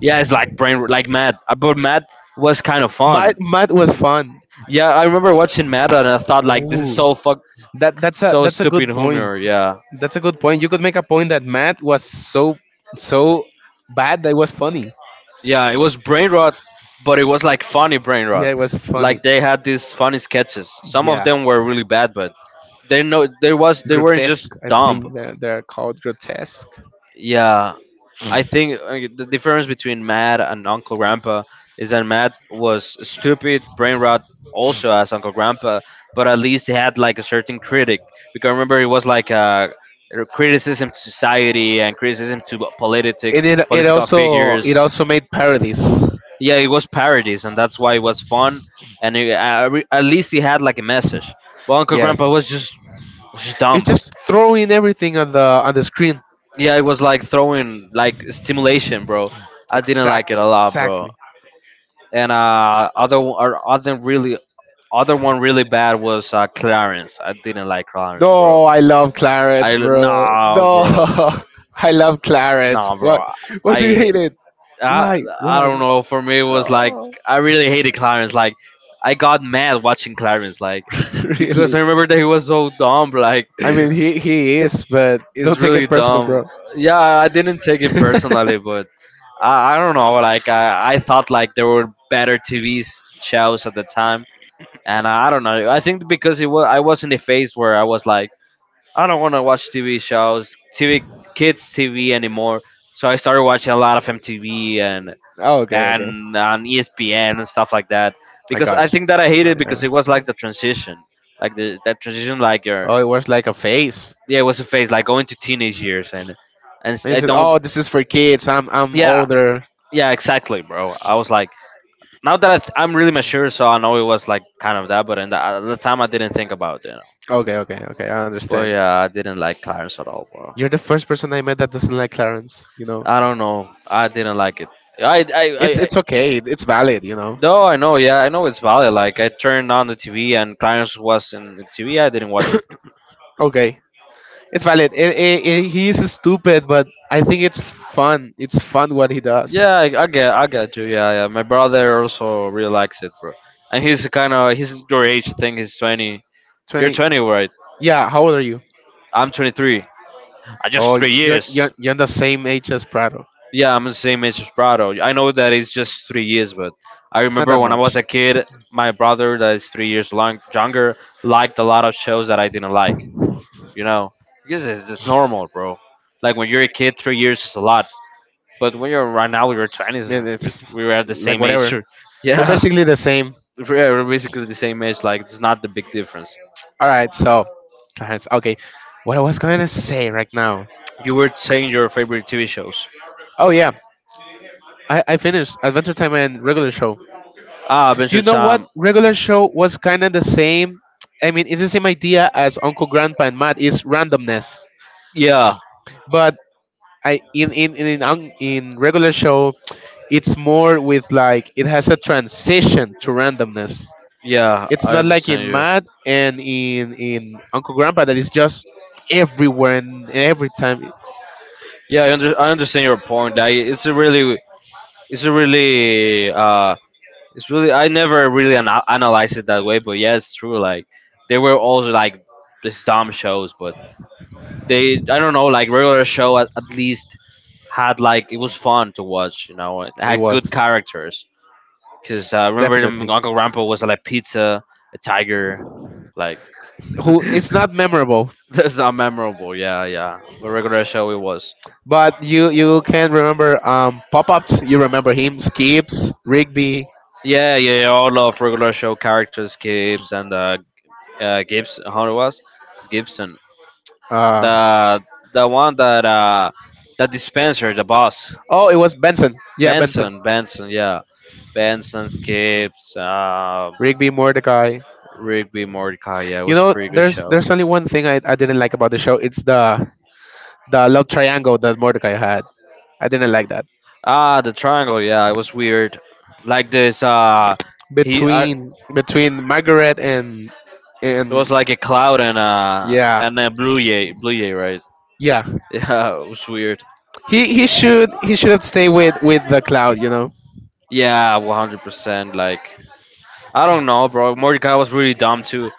Speaker 1: yeah, it's like brain, like mad. Uh, but mad was kind of
Speaker 2: Math,
Speaker 1: fun.
Speaker 2: math was fun.
Speaker 1: Yeah, I remember watching mad and I thought, like, this is so
Speaker 2: Oh,
Speaker 1: fucked,
Speaker 2: that that's a
Speaker 1: so
Speaker 2: that's a
Speaker 1: stupid
Speaker 2: good point.
Speaker 1: humor. Yeah,
Speaker 2: That's a good point. You could make a point that math was so so bad that it was funny.
Speaker 1: yeah, it was brain rot, but it was like funny brain
Speaker 2: Yeah,
Speaker 1: rot.
Speaker 2: it was funny.
Speaker 1: Like they had these funny sketches, some of
Speaker 2: Yeah,
Speaker 1: them were really bad, but they know there was, they weren't just
Speaker 2: grotesque. I
Speaker 1: dumb.
Speaker 2: think they're, they're called grotesque.
Speaker 1: Yeah, I think uh, the difference between Matt and Uncle Grandpa is that Matt was stupid, brain rot, also as Uncle Grandpa, but at least he had like a certain critic. Because I remember it was like a, criticism to society and criticism to politics,
Speaker 2: It, it it
Speaker 1: political
Speaker 2: also it
Speaker 1: figures.
Speaker 2: also made parodies.
Speaker 1: Yeah,
Speaker 2: Yeah,
Speaker 1: it was parodies, and that's why it was fun. And it, I, I re- at least he had like a message. But Uncle
Speaker 2: yes,
Speaker 1: Grandpa was just was just
Speaker 2: it's
Speaker 1: dumb.
Speaker 2: just throwing everything on the on the screen.
Speaker 1: Yeah, it was like throwing like stimulation, bro. I didn't like it
Speaker 2: Exactly,
Speaker 1: a lot, bro.
Speaker 2: exactly.
Speaker 1: And uh, other or other really other one really bad was uh, Clarence. I didn't like Clarence, bro.
Speaker 2: No, I love Clarence,
Speaker 1: I
Speaker 2: bro.
Speaker 1: nah,
Speaker 2: No,
Speaker 1: bro,
Speaker 2: I love Clarence.
Speaker 1: nah,
Speaker 2: What?
Speaker 1: bro.
Speaker 2: What do you
Speaker 1: I
Speaker 2: hate it?
Speaker 1: I
Speaker 2: Why?
Speaker 1: I
Speaker 2: Why?
Speaker 1: don't know. For me, it was like,
Speaker 2: No,
Speaker 1: I really hated Clarence. Like I got mad watching Clarence, like because
Speaker 2: really.
Speaker 1: I remember that he was so dumb. Like
Speaker 2: I mean, he he is, but
Speaker 1: it's
Speaker 2: don't take
Speaker 1: really
Speaker 2: it personal,
Speaker 1: dumb.
Speaker 2: bro.
Speaker 1: Yeah, I didn't take it personally, but I I don't know. Like I I thought like there were better T V shows at the time, and I don't know. I think because it was, I was in the phase where I was like, I don't want to watch T V shows, T V kids T V anymore. So I started watching a lot of M T V and
Speaker 2: oh, okay, okay.
Speaker 1: and on E S P N and stuff like that
Speaker 2: I
Speaker 1: because I
Speaker 2: got you.
Speaker 1: think that I
Speaker 2: Right,
Speaker 1: hated
Speaker 2: I
Speaker 1: because
Speaker 2: got
Speaker 1: it was
Speaker 2: you.
Speaker 1: like the transition, like the that transition, like your
Speaker 2: Oh, it was like a face.
Speaker 1: yeah, it was a phase like going to teenage years and and s-
Speaker 2: And you
Speaker 1: I
Speaker 2: said,
Speaker 1: don't
Speaker 2: "Oh, this is for kids. I'm I'm
Speaker 1: yeah,
Speaker 2: older."
Speaker 1: yeah, exactly, bro. I was like, now that I th- I'm really mature, so I know it was like kind of that, but in the, at the time I didn't think about it.
Speaker 2: Okay, okay, okay. I
Speaker 1: But
Speaker 2: understand.
Speaker 1: yeah, I didn't like Clarence at all, bro.
Speaker 2: You're the first person I met that doesn't like Clarence. You know,
Speaker 1: I don't know. I didn't like it. I, I,
Speaker 2: it's
Speaker 1: I, I
Speaker 2: it's okay. It's valid. You know.
Speaker 1: no, I know. Yeah, I know it's valid. Like I turned on the T V and Clarence was in the T V. I didn't watch it.
Speaker 2: Okay, it's valid. It, it, it, he is stupid, but I think it's fun. It's fun what he
Speaker 1: Yeah,
Speaker 2: does.
Speaker 1: I, I get, I get you. Yeah, yeah. My brother also really likes it, bro. And he's kind of, he's your age. I think he's twenty. You're
Speaker 2: twenty.
Speaker 1: twenty, right?
Speaker 2: Yeah, how old are you?
Speaker 1: I'm twenty-three. I just
Speaker 2: Oh,
Speaker 1: three
Speaker 2: you're,
Speaker 1: years.
Speaker 2: you're, you're the same age as Prado.
Speaker 1: Yeah, I'm the same age as Prado. I know that it's just three years, but I
Speaker 2: It's not
Speaker 1: remember
Speaker 2: that
Speaker 1: when I
Speaker 2: much.
Speaker 1: was a kid, my brother, that is three years long, younger, liked a lot of shows that I didn't like. You know, because it's, it's normal, bro. Like when you're a kid, three years is a lot. But when you're right now, you're twenties,
Speaker 2: Man,
Speaker 1: we
Speaker 2: it's
Speaker 1: we were at the
Speaker 2: like
Speaker 1: same age.
Speaker 2: whatever. We're
Speaker 1: Yeah,
Speaker 2: basically the same.
Speaker 1: we're basically the same age. Like it's not the big difference.
Speaker 2: All right, so Clarence. Okay, what I was going to say right now.
Speaker 1: You were saying your favorite T V shows.
Speaker 2: Oh yeah, I, I finished Adventure Time and Regular Show.
Speaker 1: Ah,
Speaker 2: You
Speaker 1: Adventure
Speaker 2: know what?
Speaker 1: Time.
Speaker 2: Regular Show was kind of the same. I mean, it's the same idea as Uncle Grandpa and Matt. It's randomness,
Speaker 1: Yeah,
Speaker 2: but I in in in in, un- in Regular Show, it's more with like it has a transition to randomness.
Speaker 1: yeah,
Speaker 2: It's
Speaker 1: I
Speaker 2: not like
Speaker 1: understand
Speaker 2: in
Speaker 1: you.
Speaker 2: Mad and in in Uncle Grandpa that is just everywhere and every time it,
Speaker 1: Yeah, I, under, I understand your point. I, it's a really, it's a really, uh, it's really. I never really ana analyzed it that way, but yeah, it's true. Like they were also like these dumb shows, but they, I don't know, like regular show at, at least had like it was fun to watch. You know, it
Speaker 2: it
Speaker 1: had good
Speaker 2: was
Speaker 1: characters. Because uh, I remember them-
Speaker 2: definitely
Speaker 1: Uncle Rampo was like pizza, a tiger, like.
Speaker 2: who it's not memorable.
Speaker 1: That's not memorable. Yeah, yeah. But regular show it was.
Speaker 2: But you you can remember um pop ups. You remember him, Skips, Rigby.
Speaker 1: Yeah, yeah, yeah, all of regular show characters, Gibbs and uh, uh Gibbs. How it was? Gibson.
Speaker 2: Uh,
Speaker 1: The the one that uh the dispenser, the boss,
Speaker 2: oh, it was Benson. Yeah, Benson,
Speaker 1: Benson. Benson. Yeah. Benson, Gibbs, uh,
Speaker 2: Rigby, Mordecai.
Speaker 1: Rigby, Mordecai. Yeah, it
Speaker 2: You
Speaker 1: was a
Speaker 2: know,
Speaker 1: pretty good
Speaker 2: there's
Speaker 1: show.
Speaker 2: there's only one thing I, I didn't like about the show. It's the the love triangle that Mordecai had. I didn't like that
Speaker 1: Ah, the triangle. Yeah, it was weird. Like this. Uh, he. Uh,
Speaker 2: between between Margaret and
Speaker 1: it was
Speaker 2: and
Speaker 1: like a cloud and uh
Speaker 2: yeah,
Speaker 1: and a blue jay, blue jay, right?
Speaker 2: yeah,
Speaker 1: Yeah, it was weird.
Speaker 2: he he should he should have stayed with with the cloud. You know.
Speaker 1: Yeah, one hundred percent. Like I don't know, bro. Mordecai was really dumb too,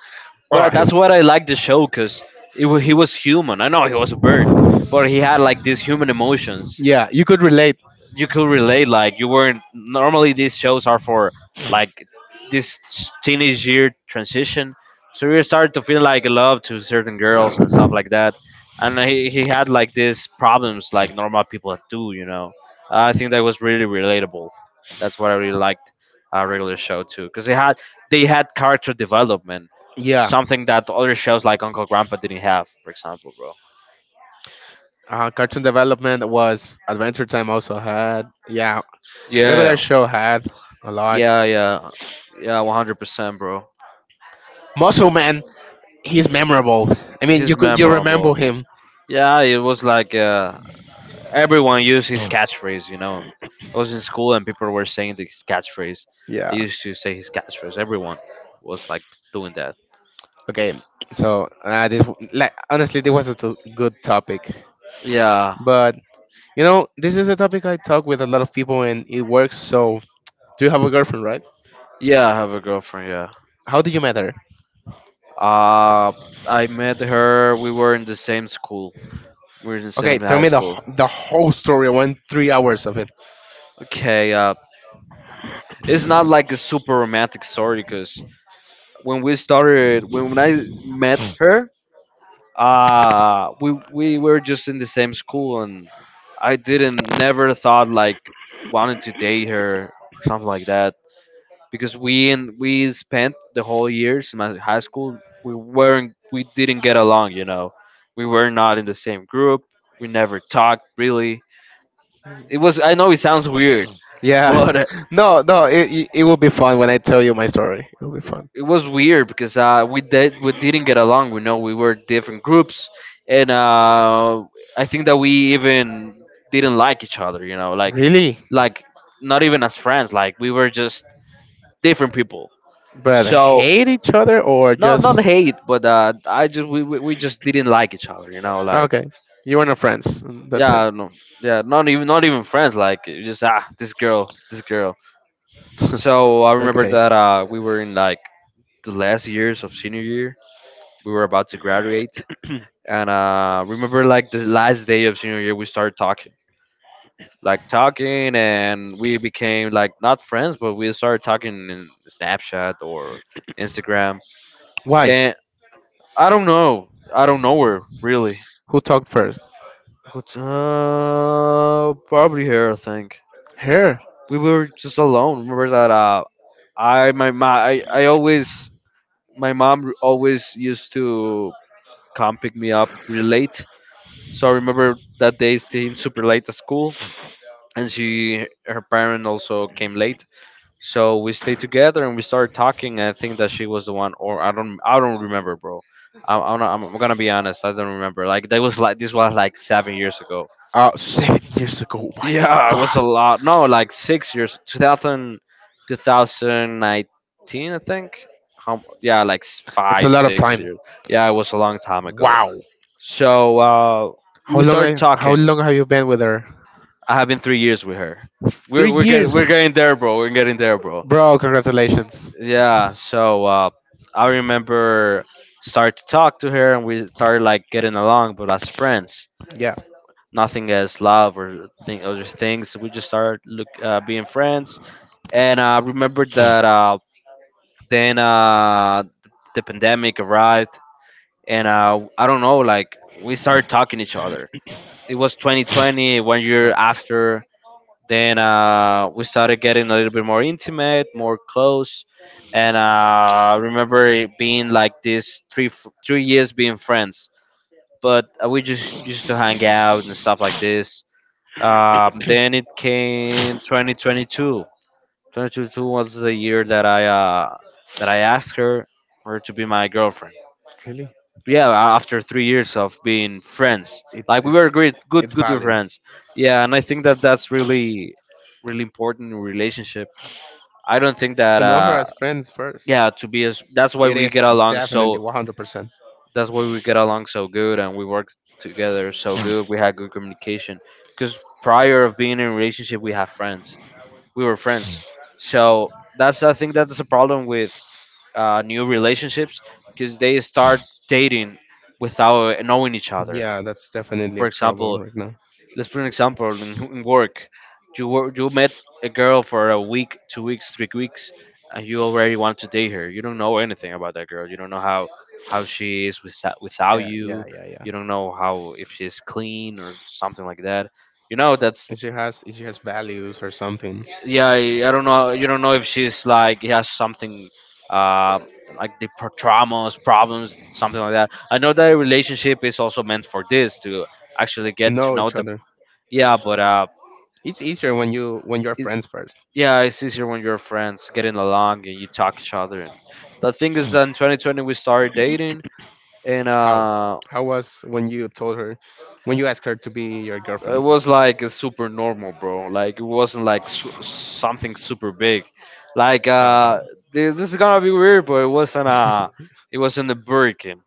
Speaker 2: Oh,
Speaker 1: but
Speaker 2: he
Speaker 1: that's
Speaker 2: was.
Speaker 1: what I like the show because it wa- he was human. I know he was a bird, but he had like these human emotions.
Speaker 2: Yeah, you could relate.
Speaker 1: You could relate like you weren't normally these shows are for like this teenage year transition, so you started to feel like love to certain girls and stuff like that. And he, he had like these problems like normal people do, you know. I think that was really relatable. That's what I really liked uh, regular show too because they had they had character development,
Speaker 2: Yeah.
Speaker 1: something that other shows like Uncle Grandpa didn't have, for example, bro.
Speaker 2: Uh, Cartoon Development was Adventure Time also had. Yeah,
Speaker 1: Yeah,
Speaker 2: Regular Show had a lot.
Speaker 1: yeah, yeah, yeah, one hundred percent, bro.
Speaker 2: Muscle Man, he's memorable. I mean, you
Speaker 1: He's
Speaker 2: could you remember
Speaker 1: memorable.
Speaker 2: him.
Speaker 1: Yeah, it was like uh, everyone used his catchphrase. You know, I was in school and people were saying his catchphrase. I
Speaker 2: Yeah.
Speaker 1: used to say his catchphrase. Everyone was like doing that.
Speaker 2: Okay. So uh, this, like, honestly, this was a t- good topic,
Speaker 1: Yeah,
Speaker 2: but you know, this is a topic I talk with a lot of people, and it works. So, do you have a girlfriend, right?
Speaker 1: yeah, I have a girlfriend. Yeah.
Speaker 2: How did you meet her?
Speaker 1: Uh, I met her. We were in the same school. We were in the
Speaker 2: Okay,
Speaker 1: same
Speaker 2: tell
Speaker 1: high
Speaker 2: me the wh-
Speaker 1: school.
Speaker 2: the whole story. I want three hours of it.
Speaker 1: Okay. Uh, it's not like a super romantic story because when we started, when when I met her, uh we we were just in the same school, and I didn't never thought like wanted to date her or something like that, because we and we spent the whole years in my high school. We weren't we didn't get along, you know. We were not in the same group. We never talked, really. It was, I know it sounds weird,
Speaker 2: Yeah.
Speaker 1: but
Speaker 2: No, no, it, it it will be fun when I tell you my story. It will be fun.
Speaker 1: it was weird because uh, we did we didn't get along. We know we were different groups, and uh, I think that we even didn't like each other. You know, like
Speaker 2: Really?
Speaker 1: like not even as friends. Like we were just different people.
Speaker 2: But
Speaker 1: So
Speaker 2: hate each other, or
Speaker 1: no, not
Speaker 2: just
Speaker 1: hate, but uh, I just we, we we just didn't like each other. You know, like,
Speaker 2: okay? You are not friends, and that's it.
Speaker 1: yeah, no, yeah, not even not even friends. Like just ah, this girl, this girl. So I remember
Speaker 2: Okay.
Speaker 1: that uh, we were in like the last years of senior year. We were about to graduate, and uh remember like the last day of senior year we started talking, like talking, and we became like not friends but we started talking in Snapchat or Instagram.
Speaker 2: Why?
Speaker 1: And i don't know I don't know where, really.
Speaker 2: Who talked first?
Speaker 1: What's, uh, probably here, I think.
Speaker 2: Her.
Speaker 1: We were just alone, remember that. Uh I my, my I, I always My mom always used to come pick me up really late. So I remember that day staying super late at school. And she, her parent also came late, so we stayed together, and we started talking. I think that she was the one, or i don't i don't remember, bro. I, i'm not- I'm gonna be honest, I don't remember. Like that was like this was like seven years ago.
Speaker 2: Uh, seven years ago. Oh my
Speaker 1: Yeah, it was a
Speaker 2: God,
Speaker 1: lot. No, like six years, two thousand, two thousand nineteen, I think. How? Yeah, like s-
Speaker 2: it's a
Speaker 1: five
Speaker 2: lot of
Speaker 1: six
Speaker 2: time.
Speaker 1: years. Yeah, it was a long time ago.
Speaker 2: Wow.
Speaker 1: So uh
Speaker 2: How
Speaker 1: we
Speaker 2: long? I
Speaker 1: started
Speaker 2: how
Speaker 1: talking.
Speaker 2: long have you been with her?
Speaker 1: I have been three years with her.
Speaker 2: Three
Speaker 1: We're we're getting we're
Speaker 2: years,
Speaker 1: getting there, bro. We're getting there, bro.
Speaker 2: bro. Congratulations.
Speaker 1: Yeah. So uh, I remember started to talk to her, and we started like getting along, but as friends,
Speaker 2: Yeah.
Speaker 1: nothing as love or thing other things. We just started look uh, being friends, and I remember that uh, then uh, the pandemic arrived, and uh, I don't know, like we started talking to each other.
Speaker 2: Oh,
Speaker 1: It was twenty twenty, one year after. Then uh, we started getting a little bit more intimate, more close, and uh, I remember it being like this three f- three years being friends. But uh, we just used to hang out and stuff like this. Um, then it came twenty twenty-two. twenty twenty-two was the year that I uh, that I asked her her to be my girlfriend.
Speaker 2: really?
Speaker 1: Yeah, a- after three years of being friends.
Speaker 2: It's
Speaker 1: Like we were
Speaker 2: it's
Speaker 1: great, good
Speaker 2: it's
Speaker 1: good
Speaker 2: valid
Speaker 1: friends. Yeah, and I think that that's really, really important in a relationship. I don't think that
Speaker 2: to know her
Speaker 1: uh
Speaker 2: as friends first.
Speaker 1: Yeah, to be as that's why
Speaker 2: It
Speaker 1: we get
Speaker 2: is
Speaker 1: along
Speaker 2: definitely
Speaker 1: so
Speaker 2: one hundred percent.
Speaker 1: that's why we get along so good. And we work together so good. We had good communication because prior of being in a relationship, we have friends we were friends, so that's I think that's a problem with uh, new relationships, because they start dating without knowing each other.
Speaker 2: Yeah, that's definitely a
Speaker 1: For
Speaker 2: trouble
Speaker 1: example,
Speaker 2: right now.
Speaker 1: let's put an example in, in work. You wor- you met a girl for a week, two weeks, three weeks, and you already want to date her. You don't know anything about that girl. You don't know how how she is without without
Speaker 2: Yeah, yeah,
Speaker 1: you.
Speaker 2: yeah, yeah.
Speaker 1: You don't know how, if she's clean or something like that. You know that's,
Speaker 2: If she has if she has values or something
Speaker 1: yeah. I, I don't know. You don't know if she's like has something. Uh, like the pro- traumas, problems, something like that. I know that a relationship is also meant for this to actually
Speaker 2: to
Speaker 1: get to
Speaker 2: know
Speaker 1: know
Speaker 2: each
Speaker 1: the,
Speaker 2: other.
Speaker 1: yeah, but uh,
Speaker 2: It's easier when you when you're
Speaker 1: it,
Speaker 2: friends first.
Speaker 1: yeah, it's easier when you're friends, getting along, and you talk each other. And the thing is that in twenty twenty we started dating, and
Speaker 2: How?
Speaker 1: uh,
Speaker 2: How was when you told her, when you asked her to be your
Speaker 1: it
Speaker 2: girlfriend?
Speaker 1: was like a super normal, bro. Like it wasn't like su- something super big. Like
Speaker 2: How?
Speaker 1: uh,
Speaker 2: How?
Speaker 1: thi- this is gonna be weird, but it wasn't uh, it was in the Burger King.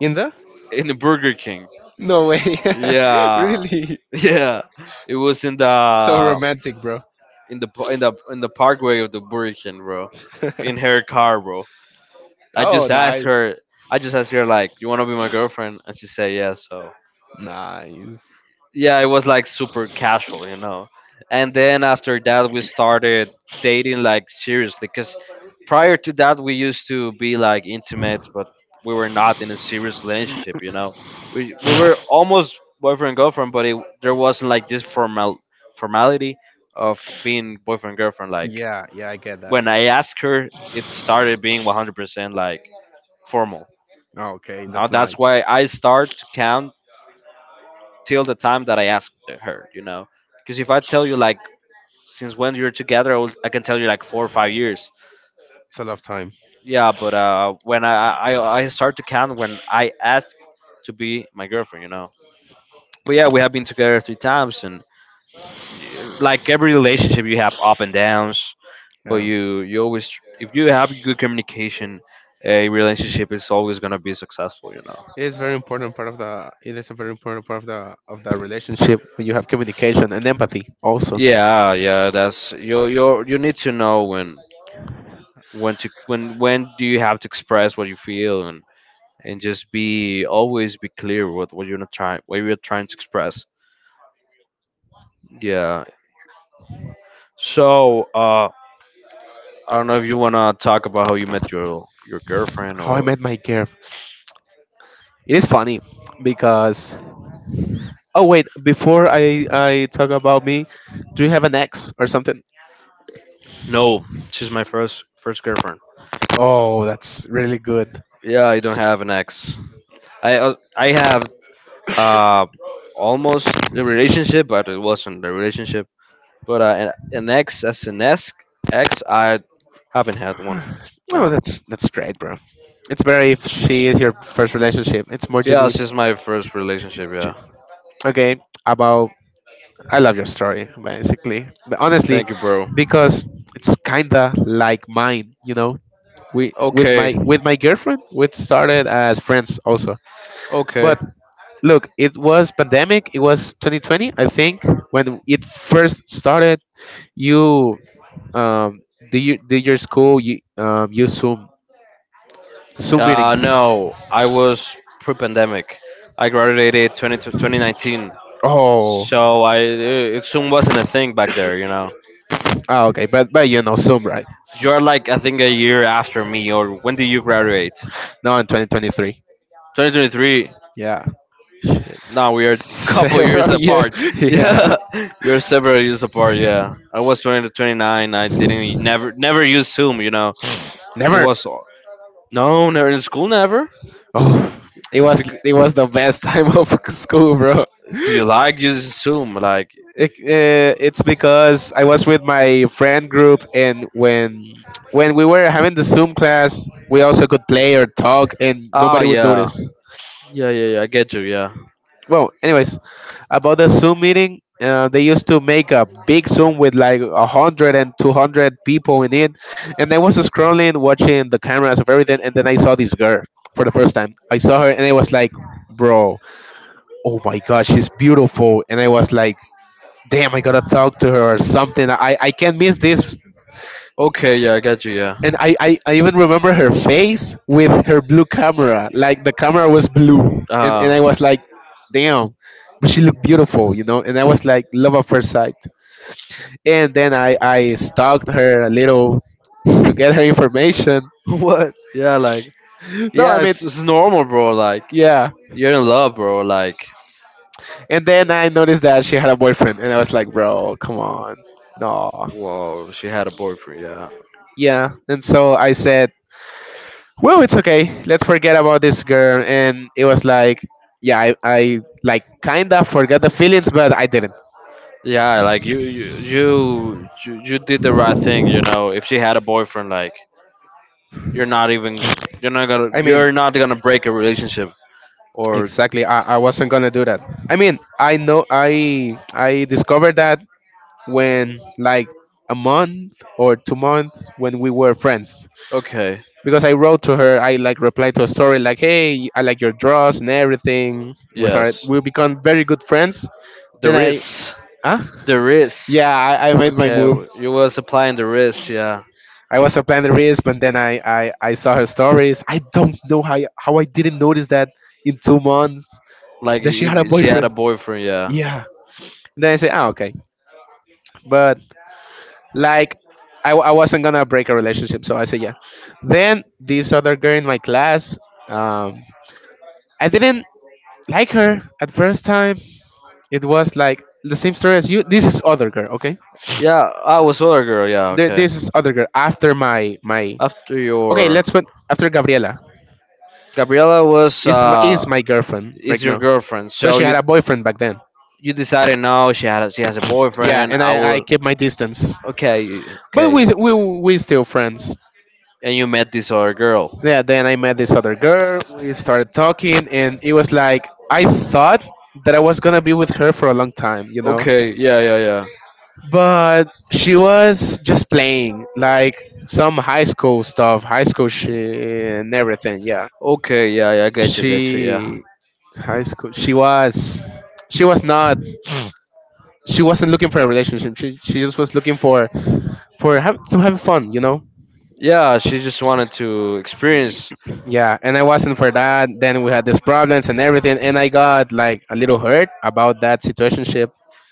Speaker 2: In the?
Speaker 1: In the Burger King,
Speaker 2: No way.
Speaker 1: yeah,
Speaker 2: Really?
Speaker 1: yeah, it was in
Speaker 2: So
Speaker 1: the
Speaker 2: romantic, bro.
Speaker 1: in the pa- in the in the parkway of the Burger King, bro. In her car, bro. I
Speaker 2: Oh,
Speaker 1: just asked
Speaker 2: nice.
Speaker 1: her. I just asked her like, "You want to be my girlfriend?" And she said yes. So
Speaker 2: Nice.
Speaker 1: yeah, it was like super casual, you know. And then after that, we started dating like seriously. Cause prior to that, we used to be like intimate, but we were not in a serious relationship, you know. We we were almost boyfriend girlfriend, but it, there wasn't like this formal formality of being boyfriend girlfriend. Like
Speaker 2: Yeah, yeah, I get that.
Speaker 1: when I asked her, it started being one hundred percent like formal.
Speaker 2: Oh, okay,
Speaker 1: Uh,
Speaker 2: that's
Speaker 1: that's
Speaker 2: nice.
Speaker 1: why I start to count till the time that I ask her, you know. Because if I tell you like since when you're together, I, will, I can tell you like four or five years.
Speaker 2: It's a lot of time.
Speaker 1: Yeah, but uh, when I, I I start to count when I ask to be my girlfriend, you know. But yeah, we have been together three times, and y- like every relationship, you have up and downs. But
Speaker 2: Yeah.
Speaker 1: you you always, if you have good communication, a relationship is always gonna be successful, you know.
Speaker 2: It is very important part of the. It is a very important part of the of the relationship when you have communication and empathy also.
Speaker 1: Yeah, yeah, that's, you you you need to know when when to when when do you have to express what you feel, and and just be always be clear with what you're not trying what you're trying to express. Yeah, so uh I don't know if you want to talk about how you met your your girlfriend,
Speaker 2: How I
Speaker 1: or
Speaker 2: met my girl. It is funny because oh wait, before I I talk about me, do you have an ex or something?
Speaker 1: no, she's my first first girlfriend.
Speaker 2: Oh, that's really good.
Speaker 1: Yeah, I don't have an ex. i uh, I have uh almost a relationship, but it wasn't a relationship. But uh, an, an ex, as an ex ex, I haven't had one.
Speaker 2: Oh,
Speaker 1: No.
Speaker 2: that's that's great, bro. It's better if she is your first relationship. It's more
Speaker 1: Yeah,
Speaker 2: genuine.
Speaker 1: this is my first
Speaker 2: Gen-
Speaker 1: relationship.
Speaker 2: gen-
Speaker 1: Yeah.
Speaker 2: Okay, about I love your story, basically. But honestly,
Speaker 1: Thank you, bro.
Speaker 2: because it's kinda like mine, you know. We with
Speaker 1: Okay.
Speaker 2: my with my girlfriend, we started as friends also.
Speaker 1: Okay.
Speaker 2: But look, it was pandemic. It was twenty twenty, I think, when it first started. You um, do you do your school? You um, you Zoom Zoom
Speaker 1: Uh,
Speaker 2: meetings.
Speaker 1: no, I was pre-pandemic. I graduated 20 to twenty nineteen,
Speaker 2: Oh,
Speaker 1: so I it soon wasn't a thing back there. You know,
Speaker 2: ah, okay, but but you know Zoom, right?
Speaker 1: you're like, I think, a year after me, or when do you graduate?
Speaker 2: Now in twenty twenty-three.
Speaker 1: twenty twenty-three.
Speaker 2: Yeah.
Speaker 1: Shit. Now we are a couple years
Speaker 2: Several years.
Speaker 1: apart.
Speaker 2: Yeah.
Speaker 1: Yeah, you're several years apart. Yeah, I was twenty to twenty-nine. I didn't never never use Zoom. You know, it
Speaker 2: Never.
Speaker 1: was no never in school never.
Speaker 2: Oh, it was
Speaker 1: Bec-
Speaker 2: it was the best time of school, bro.
Speaker 1: do you like using Zoom? Like,
Speaker 2: It, uh, it's because I was with my friend group, and when when we were having the Zoom class, we also could play or talk, and
Speaker 1: ah,
Speaker 2: nobody would
Speaker 1: yeah,
Speaker 2: notice.
Speaker 1: yeah, yeah, yeah. I get you. Yeah.
Speaker 2: Well, anyways, about the Zoom meeting, uh, they used to make a big Zoom with like a hundred and two hundred people in it. And I was scrolling, watching the cameras of everything, and then I saw this girl. For the first time I saw her, and I was like, bro, oh my God, she's beautiful. And I was like, damn, I gotta talk to her or something. i, I can't miss this.
Speaker 1: Okay. Yeah, I get you. Yeah.
Speaker 2: And I, I I even remember her face with her blue camera. Like the camera was blue, and and
Speaker 1: ah
Speaker 2: I was like, damn, but she looked beautiful, you know. And I was like, love at first sight. And then I I stalked her a little to get her information.
Speaker 1: What? Yeah, like,
Speaker 2: No, I
Speaker 1: yeah.
Speaker 2: mean,
Speaker 1: It's it's normal, bro. Like,
Speaker 2: yeah.
Speaker 1: you're in love, bro. Like,
Speaker 2: And then I noticed that she had a boyfriend, and I was like, bro, come on, no.
Speaker 1: whoa, she had a boyfriend. Yeah.
Speaker 2: Yeah, and so I said, well, it's okay. Let's forget about this girl. And it was like, yeah, I, I like kind of forgot the feelings, but I didn't.
Speaker 1: Yeah, like you, you, you, you you did the right thing. You know, if she had a boyfriend, like, you're not even, you're not gonna,
Speaker 2: I mean,
Speaker 1: you're not gonna break a relationship. Or
Speaker 2: exactly. I, I wasn't gonna do that. I mean, I know I I discovered that when like a month or two months when we were friends,
Speaker 1: okay,
Speaker 2: because I wrote to her. I like replied to a story like, "Hey, I like your draws and everything." We started.
Speaker 1: yes.
Speaker 2: We become very good friends.
Speaker 1: The
Speaker 2: Then I
Speaker 1: risk.
Speaker 2: ah
Speaker 1: The risk.
Speaker 2: yeah I, I made my
Speaker 1: Okay,
Speaker 2: move.
Speaker 1: w- you was applying the risk, yeah.
Speaker 2: I was a planet risk, but then I, I, I saw her stories. I don't know how I- how I didn't notice that in two months
Speaker 1: Like
Speaker 2: that she had
Speaker 1: if
Speaker 2: a
Speaker 1: if she had
Speaker 2: boyfriend.
Speaker 1: a boyfriend, yeah.
Speaker 2: Yeah. And then I said, oh, okay. But like, I, I wasn't gonna break a relationship, so I said, yeah. Then this other girl in my class, um, I didn't like her at first time. It was like the same story as you. This is other girl, okay?
Speaker 1: Yeah, I was other girl, yeah,
Speaker 2: Th-
Speaker 1: okay.
Speaker 2: This is other girl after my my.
Speaker 1: After
Speaker 2: Okay,
Speaker 1: your
Speaker 2: let's put after Gabriela.
Speaker 1: Gabriela was
Speaker 2: Is my
Speaker 1: uh
Speaker 2: is my girlfriend
Speaker 1: is
Speaker 2: right
Speaker 1: your
Speaker 2: now,
Speaker 1: girlfriend,
Speaker 2: but
Speaker 1: so
Speaker 2: she
Speaker 1: you
Speaker 2: had a boyfriend back then.
Speaker 1: you decided no, she had she has a
Speaker 2: Yeah,
Speaker 1: boyfriend.
Speaker 2: and
Speaker 1: I
Speaker 2: I I
Speaker 1: will
Speaker 2: kept my distance,
Speaker 1: okay,
Speaker 2: but
Speaker 1: okay.
Speaker 2: we we we still friends.
Speaker 1: And you met this other girl.
Speaker 2: Yeah, then I met this other girl. We started talking, and it was like I thought that I was gonna be with her for a long time, you know.
Speaker 1: Okay, yeah, yeah, yeah.
Speaker 2: But she was just playing like some high school stuff, high school shit and everything. Yeah,
Speaker 1: Okay, yeah, yeah, I get you, get you, yeah.
Speaker 2: she high school. She was she was not she wasn't looking for a relationship. She she just was looking for for have, to have fun, you know.
Speaker 1: Yeah, she just wanted to experience
Speaker 2: Yeah, and I wasn't for that. Then we had these problems and everything, and I got like a little hurt about that situationship.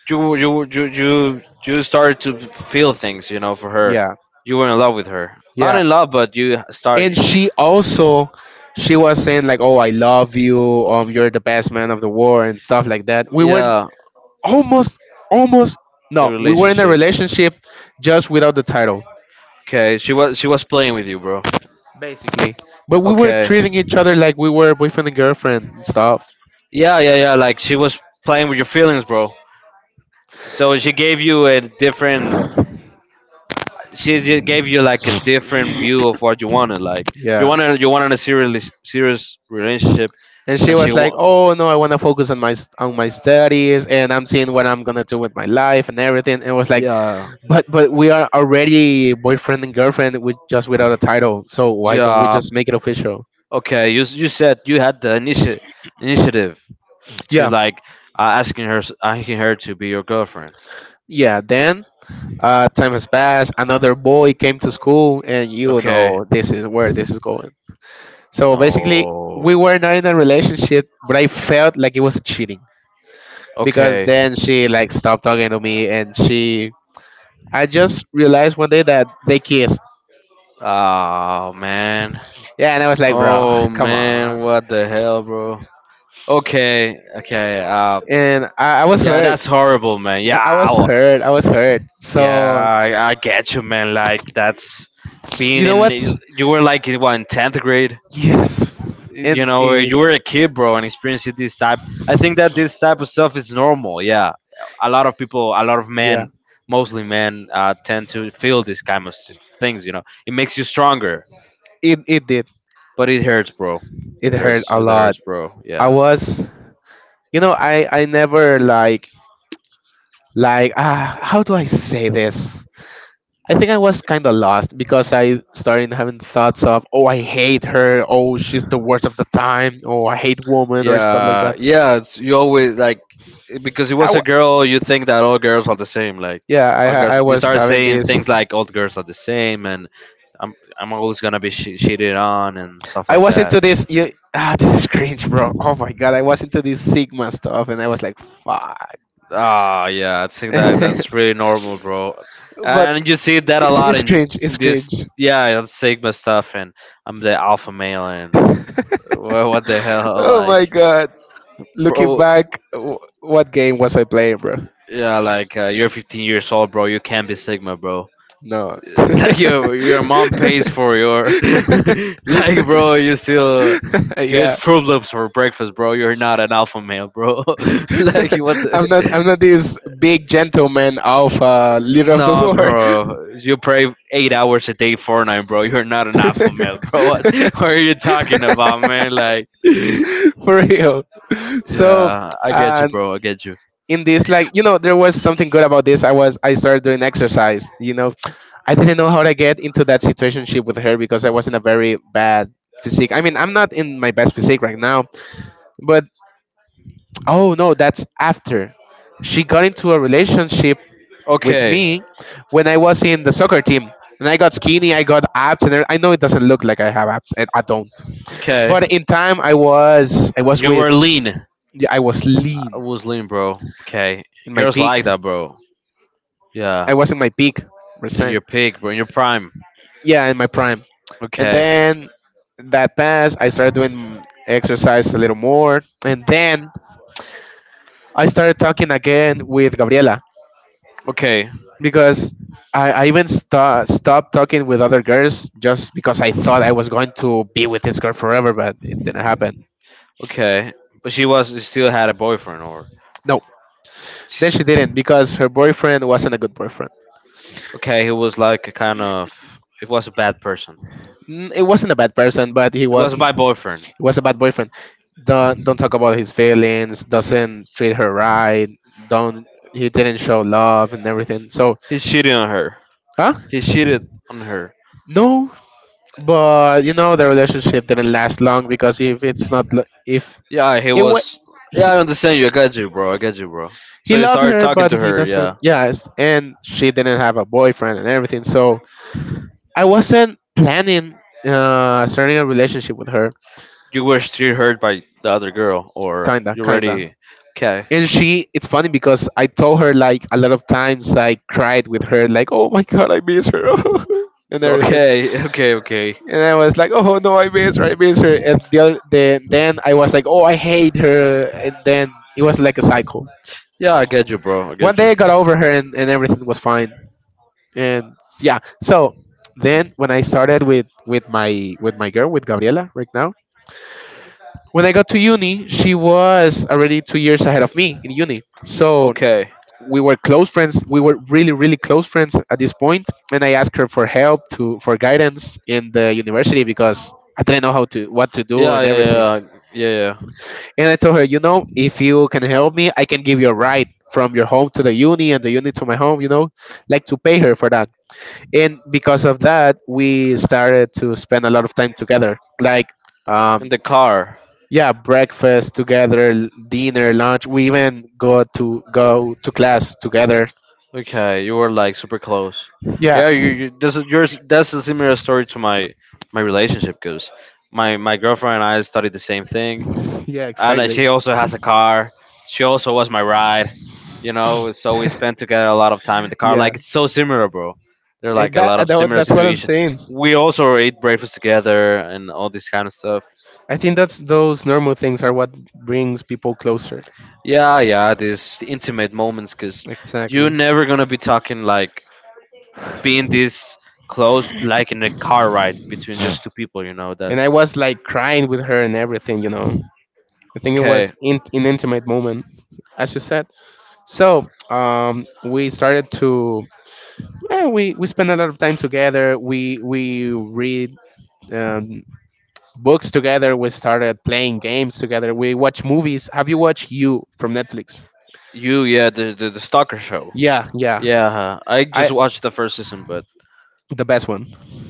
Speaker 1: you you you you you started to feel things, you know, for her.
Speaker 2: Yeah,
Speaker 1: You were in love with her. Not
Speaker 2: yeah.
Speaker 1: in love, but you start
Speaker 2: And she also she was saying, like, "Oh, I love you. Um, you're the best man of the war and stuff like that." We were
Speaker 1: yeah
Speaker 2: almost almost
Speaker 1: a
Speaker 2: no, we were in a
Speaker 1: relationship.
Speaker 2: relationship just without the title
Speaker 1: Okay, she was she was playing with you, bro.
Speaker 2: basically. But we were
Speaker 1: Okay,
Speaker 2: treating each other like we were boyfriend and girlfriend and stuff.
Speaker 1: yeah, yeah, yeah, like she was playing with your feelings, bro. So she gave you a different, she just gave you like a different view of what you wanted. Like, you
Speaker 2: Yeah.
Speaker 1: wanted you wanted a serious serious relationship,
Speaker 2: And she
Speaker 1: and she
Speaker 2: was like,
Speaker 1: wa-
Speaker 2: "Oh no, I want to focus on my s- on my studies, and I'm seeing what I'm gonna do with my life and everything." And was like,
Speaker 1: yeah,
Speaker 2: "But but we are already boyfriend and girlfriend with just without a title. So why don't we
Speaker 1: yeah.
Speaker 2: just make it official?"
Speaker 1: Okay, you s- you said you had the initi- initiative to
Speaker 2: Yeah,
Speaker 1: like uh, asking her s- asking her to be your girlfriend.
Speaker 2: yeah. Then uh, time has passed. Another boy came to school, and you
Speaker 1: Okay.
Speaker 2: know this is where this is going. So basically,
Speaker 1: No.
Speaker 2: we were not in a relationship, but I felt like it was cheating, because
Speaker 1: Okay.
Speaker 2: then she like stopped talking to me, and she I just realized one day that they kissed.
Speaker 1: Oh man.
Speaker 2: Yeah, and I was like, bro,
Speaker 1: Oh
Speaker 2: come
Speaker 1: man,
Speaker 2: on.
Speaker 1: what the hell, bro? Okay, okay. Uh,
Speaker 2: And I, I was
Speaker 1: yeah,
Speaker 2: hurt.
Speaker 1: that's horrible, man. Yeah,
Speaker 2: Yeah, I was
Speaker 1: ow.
Speaker 2: hurt. I was hurt. So
Speaker 1: Yeah, I, I get you, man. Like that's
Speaker 2: you
Speaker 1: being
Speaker 2: know
Speaker 1: in.
Speaker 2: what's
Speaker 1: You were like in what in tenth grade.
Speaker 2: yes.
Speaker 1: You
Speaker 2: In
Speaker 1: know, where
Speaker 2: in
Speaker 1: you were a kid, bro, and experiencing this type. I think that this type of stuff is normal. Yeah, a lot of people, a lot of
Speaker 2: yeah.
Speaker 1: men, mostly men, uh, tend to feel this kind of s- things. You know, it makes you stronger.
Speaker 2: It it did.
Speaker 1: But it hurts, bro.
Speaker 2: It
Speaker 1: It
Speaker 2: hurt
Speaker 1: hurts.
Speaker 2: a
Speaker 1: It
Speaker 2: lot.
Speaker 1: hurts, bro.
Speaker 2: I
Speaker 1: Yeah.
Speaker 2: was you know, I I never like like ah how do I say this? I think I was kind of lost because I started having thoughts of, oh, I hate her. Oh, she's the worst of the time. Oh, I hate women or stuff like
Speaker 1: Yeah.
Speaker 2: that.
Speaker 1: Yeah. It's you always like it- because it
Speaker 2: I
Speaker 1: was a
Speaker 2: w-
Speaker 1: girl. You think that all girls are the same. Like
Speaker 2: yeah, I
Speaker 1: all
Speaker 2: ha-
Speaker 1: girls,
Speaker 2: I
Speaker 1: you
Speaker 2: was
Speaker 1: start
Speaker 2: having
Speaker 1: saying
Speaker 2: this.
Speaker 1: things like all girls are the same, and I'm I'm always gonna be sh- cheated on and stuff
Speaker 2: I
Speaker 1: like
Speaker 2: was
Speaker 1: that.
Speaker 2: into this. You, ah, this is cringe, bro. Oh my God, I was into this Sigma stuff, and I was like, fuck.
Speaker 1: Ah, yeah, I think that
Speaker 2: But
Speaker 1: that's really normal, bro. And you see that a
Speaker 2: it's,
Speaker 1: lot
Speaker 2: it's
Speaker 1: in,
Speaker 2: cringe. It's
Speaker 1: in this,
Speaker 2: cringe.
Speaker 1: yeah, the Sigma stuff, and I'm the alpha male, and well, what the hell,
Speaker 2: Oh
Speaker 1: like,
Speaker 2: my God. Looking
Speaker 1: bro?
Speaker 2: back, w- what game was I playing, bro?
Speaker 1: Yeah, like uh, you're fifteen years old, bro. You can't be Sigma, bro.
Speaker 2: No.
Speaker 1: Like your your mom pays for your, like, bro. You still you eat
Speaker 2: Yeah.
Speaker 1: Fruit Loops for breakfast, bro. You're not an alpha male, bro. Like what the?
Speaker 2: I'm not I'm not this big gentleman of, uh, leader of the
Speaker 1: No,
Speaker 2: world.
Speaker 1: bro. You pray eight hours a day Fortnite, bro. You're not an alpha male, bro. What, what are you talking about, man? Like,
Speaker 2: For real. So,
Speaker 1: yeah, I get you,
Speaker 2: uh,
Speaker 1: bro. I get you.
Speaker 2: in this, like, you know there was something good about this. i was I started doing exercise you know I didn't know how to get into that situationship with her, because I was in a very bad physique. I mean, I'm not in my best physique right now, but oh no, that's after she got into a relationship with
Speaker 1: Okay.
Speaker 2: me. When I was in the soccer team, and I got skinny, I got abs and every- I know it doesn't look like I have abs, and I don't.
Speaker 1: Okay.
Speaker 2: But in time, i was I was
Speaker 1: You
Speaker 2: with,
Speaker 1: were lean.
Speaker 2: yeah, I was
Speaker 1: I
Speaker 2: lean
Speaker 1: was lean, bro. Okay.
Speaker 2: in my
Speaker 1: Girls
Speaker 2: peak.
Speaker 1: like that, bro.
Speaker 2: I
Speaker 1: Yeah.
Speaker 2: was in my peak percent.
Speaker 1: You're peak, bro. You're prime.
Speaker 2: Yeah, in my prime. And
Speaker 1: Okay.
Speaker 2: then that passed. I started doing exercise a little more, and then I started talking again with Gabriela,
Speaker 1: Okay.
Speaker 2: because I, I even sto- stopped talking with other girls just because I thought I was going to be with this girl forever, but it didn't happen.
Speaker 1: Okay. But she was she still had a boyfriend or
Speaker 2: No,
Speaker 1: she-
Speaker 2: then she didn't, because her boyfriend wasn't a good boyfriend.
Speaker 1: okay, he was like a kind of it was a bad person.
Speaker 2: N- It wasn't a bad person, but he
Speaker 1: It
Speaker 2: was
Speaker 1: was
Speaker 2: he
Speaker 1: my boyfriend.
Speaker 2: was a bad boyfriend. Don't don't talk about his feelings. Doesn't treat her right. Don't He didn't show love and everything. So
Speaker 1: He cheated on her.
Speaker 2: huh?
Speaker 1: He cheated on her.
Speaker 2: No, but you know the relationship didn't last long. Because if it's not lo- if
Speaker 1: Yeah, he
Speaker 2: it wa
Speaker 1: was
Speaker 2: he
Speaker 1: yeah, I understand you. I got you, bro. I got you, bro.
Speaker 2: he
Speaker 1: So you
Speaker 2: loved
Speaker 1: started
Speaker 2: her
Speaker 1: talking
Speaker 2: but
Speaker 1: to
Speaker 2: he
Speaker 1: her,
Speaker 2: doesn't.
Speaker 1: yeah.
Speaker 2: Yes, and she didn't have a boyfriend and everything, so I wasn't planning uh starting a relationship with her.
Speaker 1: You were still hurt by the other girl, or
Speaker 2: Kinda,
Speaker 1: you
Speaker 2: kinda.
Speaker 1: already? Okay. Okay.
Speaker 2: And she, it's funny because I told her like a lot of times I cried with her like, "Oh my god, I miss her." And everything.
Speaker 1: Okay. Okay.
Speaker 2: And I was like, "Oh no, I miss her, I miss her." And the other then then I was like, "Oh, I hate her." And then it was like a cycle.
Speaker 1: Yeah, I get you, bro. I
Speaker 2: One
Speaker 1: get you.
Speaker 2: day I got over her, and, and everything was fine. And yeah, so then when I started with with my with my girl with Gabriela right now. When I got to uni, she was already two years ahead of me in uni. So
Speaker 1: Okay.
Speaker 2: we were close friends. We were really, really close friends at this point. And I asked her for help to for guidance in the university because I didn't know how to what to do
Speaker 1: Yeah.
Speaker 2: and
Speaker 1: Yeah.
Speaker 2: everything.
Speaker 1: Yeah. Yeah. Yeah.
Speaker 2: And I told her, you know, "If you can help me, I can give you a ride from your home to the uni and the uni to my home." You know, like to pay her for that. And because of that, we started to spend a lot of time together. Like.
Speaker 1: In
Speaker 2: um,
Speaker 1: the car.
Speaker 2: yeah, breakfast together, l- dinner, lunch, we even go to go to class together.
Speaker 1: Okay. You were like super close.
Speaker 2: Yeah.
Speaker 1: Yeah, you, you, this is yours. That's a similar story to my my relationship, because my my girlfriend and I studied the same thing,
Speaker 2: Yeah,
Speaker 1: and uh, she
Speaker 2: exactly.
Speaker 1: also has a car. She also was my ride, you know. So we spent together a lot of time in the car.
Speaker 2: Yeah,
Speaker 1: Like it's so similar, bro. They're
Speaker 2: and
Speaker 1: like a
Speaker 2: that,
Speaker 1: lot of
Speaker 2: that wa-
Speaker 1: similar
Speaker 2: that's what I'm
Speaker 1: situations.
Speaker 2: saying.
Speaker 1: We also ate breakfast together and all this kind of stuff.
Speaker 2: I think that's those normal things are what brings people closer.
Speaker 1: Yeah, yeah, these intimate moments, because you're
Speaker 2: Exactly.
Speaker 1: never gonna be talking like being this close, like in a car ride between just two people, you know that.
Speaker 2: And I was like crying with her and everything, you know. I think it
Speaker 1: Okay,
Speaker 2: was in an intimate moment, as you said. So um we started to. Yeah, we we spend a lot of time together. We we read um, books together. We started playing games together. We watch movies. Have you watched You from Netflix?
Speaker 1: you, yeah, the the, the stalker show.
Speaker 2: Yeah, yeah.
Speaker 1: Yeah, huh. I
Speaker 2: I
Speaker 1: just watched the first season, but
Speaker 2: The best one.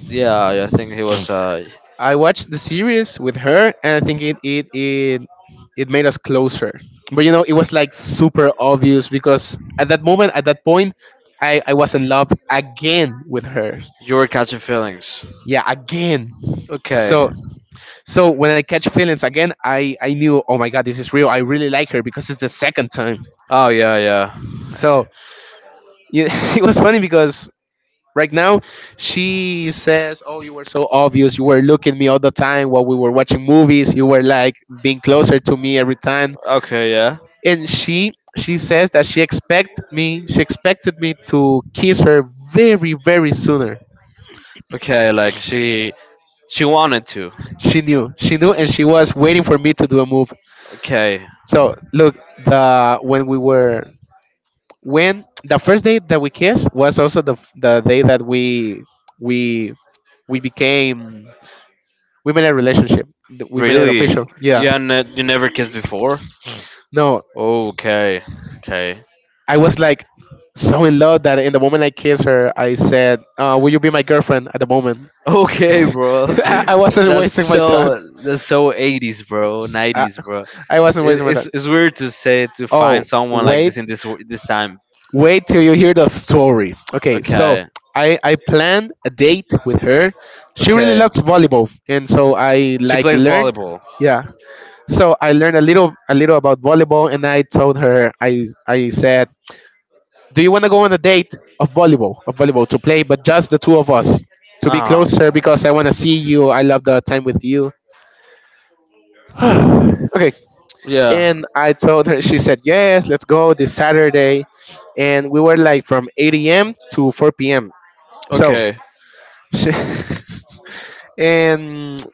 Speaker 1: yeah, I I think he was. Uh,
Speaker 2: I watched the series with her, and I think it it it it made us closer. But you know, it was like super obvious because at that moment, at that point, I I was in love again with her.
Speaker 1: you were catching feelings.
Speaker 2: Yeah, again.
Speaker 1: Okay.
Speaker 2: So, so when I catch feelings again, I I knew, "Oh my god, this is real. I really like her because it's the second time."
Speaker 1: Oh yeah, yeah.
Speaker 2: So yeah. It was funny because right now she says, "Oh, you were so obvious. You were looking at me all the time while we were watching movies. You were like being closer to me every time."
Speaker 1: Okay, yeah.
Speaker 2: And she she says that she expect me she expected me to kiss her very, very sooner.
Speaker 1: Okay, like she she wanted to.
Speaker 2: She knew, she knew, and she was waiting for me to do a move.
Speaker 1: Okay.
Speaker 2: So look, the when we were when the first day that we kissed was also the f- the day that we we we became, we made a relationship. Th- We made it
Speaker 1: Really?
Speaker 2: official. Yeah.
Speaker 1: Yeah, ne- you never kissed before?
Speaker 2: No,
Speaker 1: Okay. Okay.
Speaker 2: I was like so in love that in the moment I kissed her, I said, uh, "Will you be my girlfriend?" At the moment.
Speaker 1: Okay, bro.
Speaker 2: I, I wasn't
Speaker 1: That's
Speaker 2: wasting my time.
Speaker 1: so that's so eighties, bro.
Speaker 2: I,
Speaker 1: nineties, bro.
Speaker 2: I wasn't
Speaker 1: It,
Speaker 2: wasting my
Speaker 1: it's
Speaker 2: time.
Speaker 1: it's weird to say to
Speaker 2: Oh
Speaker 1: find someone like
Speaker 2: wait.
Speaker 1: this in this w- this time.
Speaker 2: Wait till you hear the story. Okay, so
Speaker 1: Okay.
Speaker 2: I I planned a date with her. She really
Speaker 1: Okay.
Speaker 2: loves volleyball, and so I
Speaker 1: She
Speaker 2: like
Speaker 1: plays
Speaker 2: learned.
Speaker 1: volleyball.
Speaker 2: Yeah, so I learned a little a little about volleyball, and I told her, I I said, "Do you want to go on a date of volleyball of volleyball to play, but just the two of us to be
Speaker 1: Ah.
Speaker 2: closer because I want to see you. I love the time with you." Okay,
Speaker 1: Yeah.
Speaker 2: and I told her. She said, "Yes, let's go this Saturday." And we were like from eight a m to four p m. So,
Speaker 1: Okay.
Speaker 2: she, and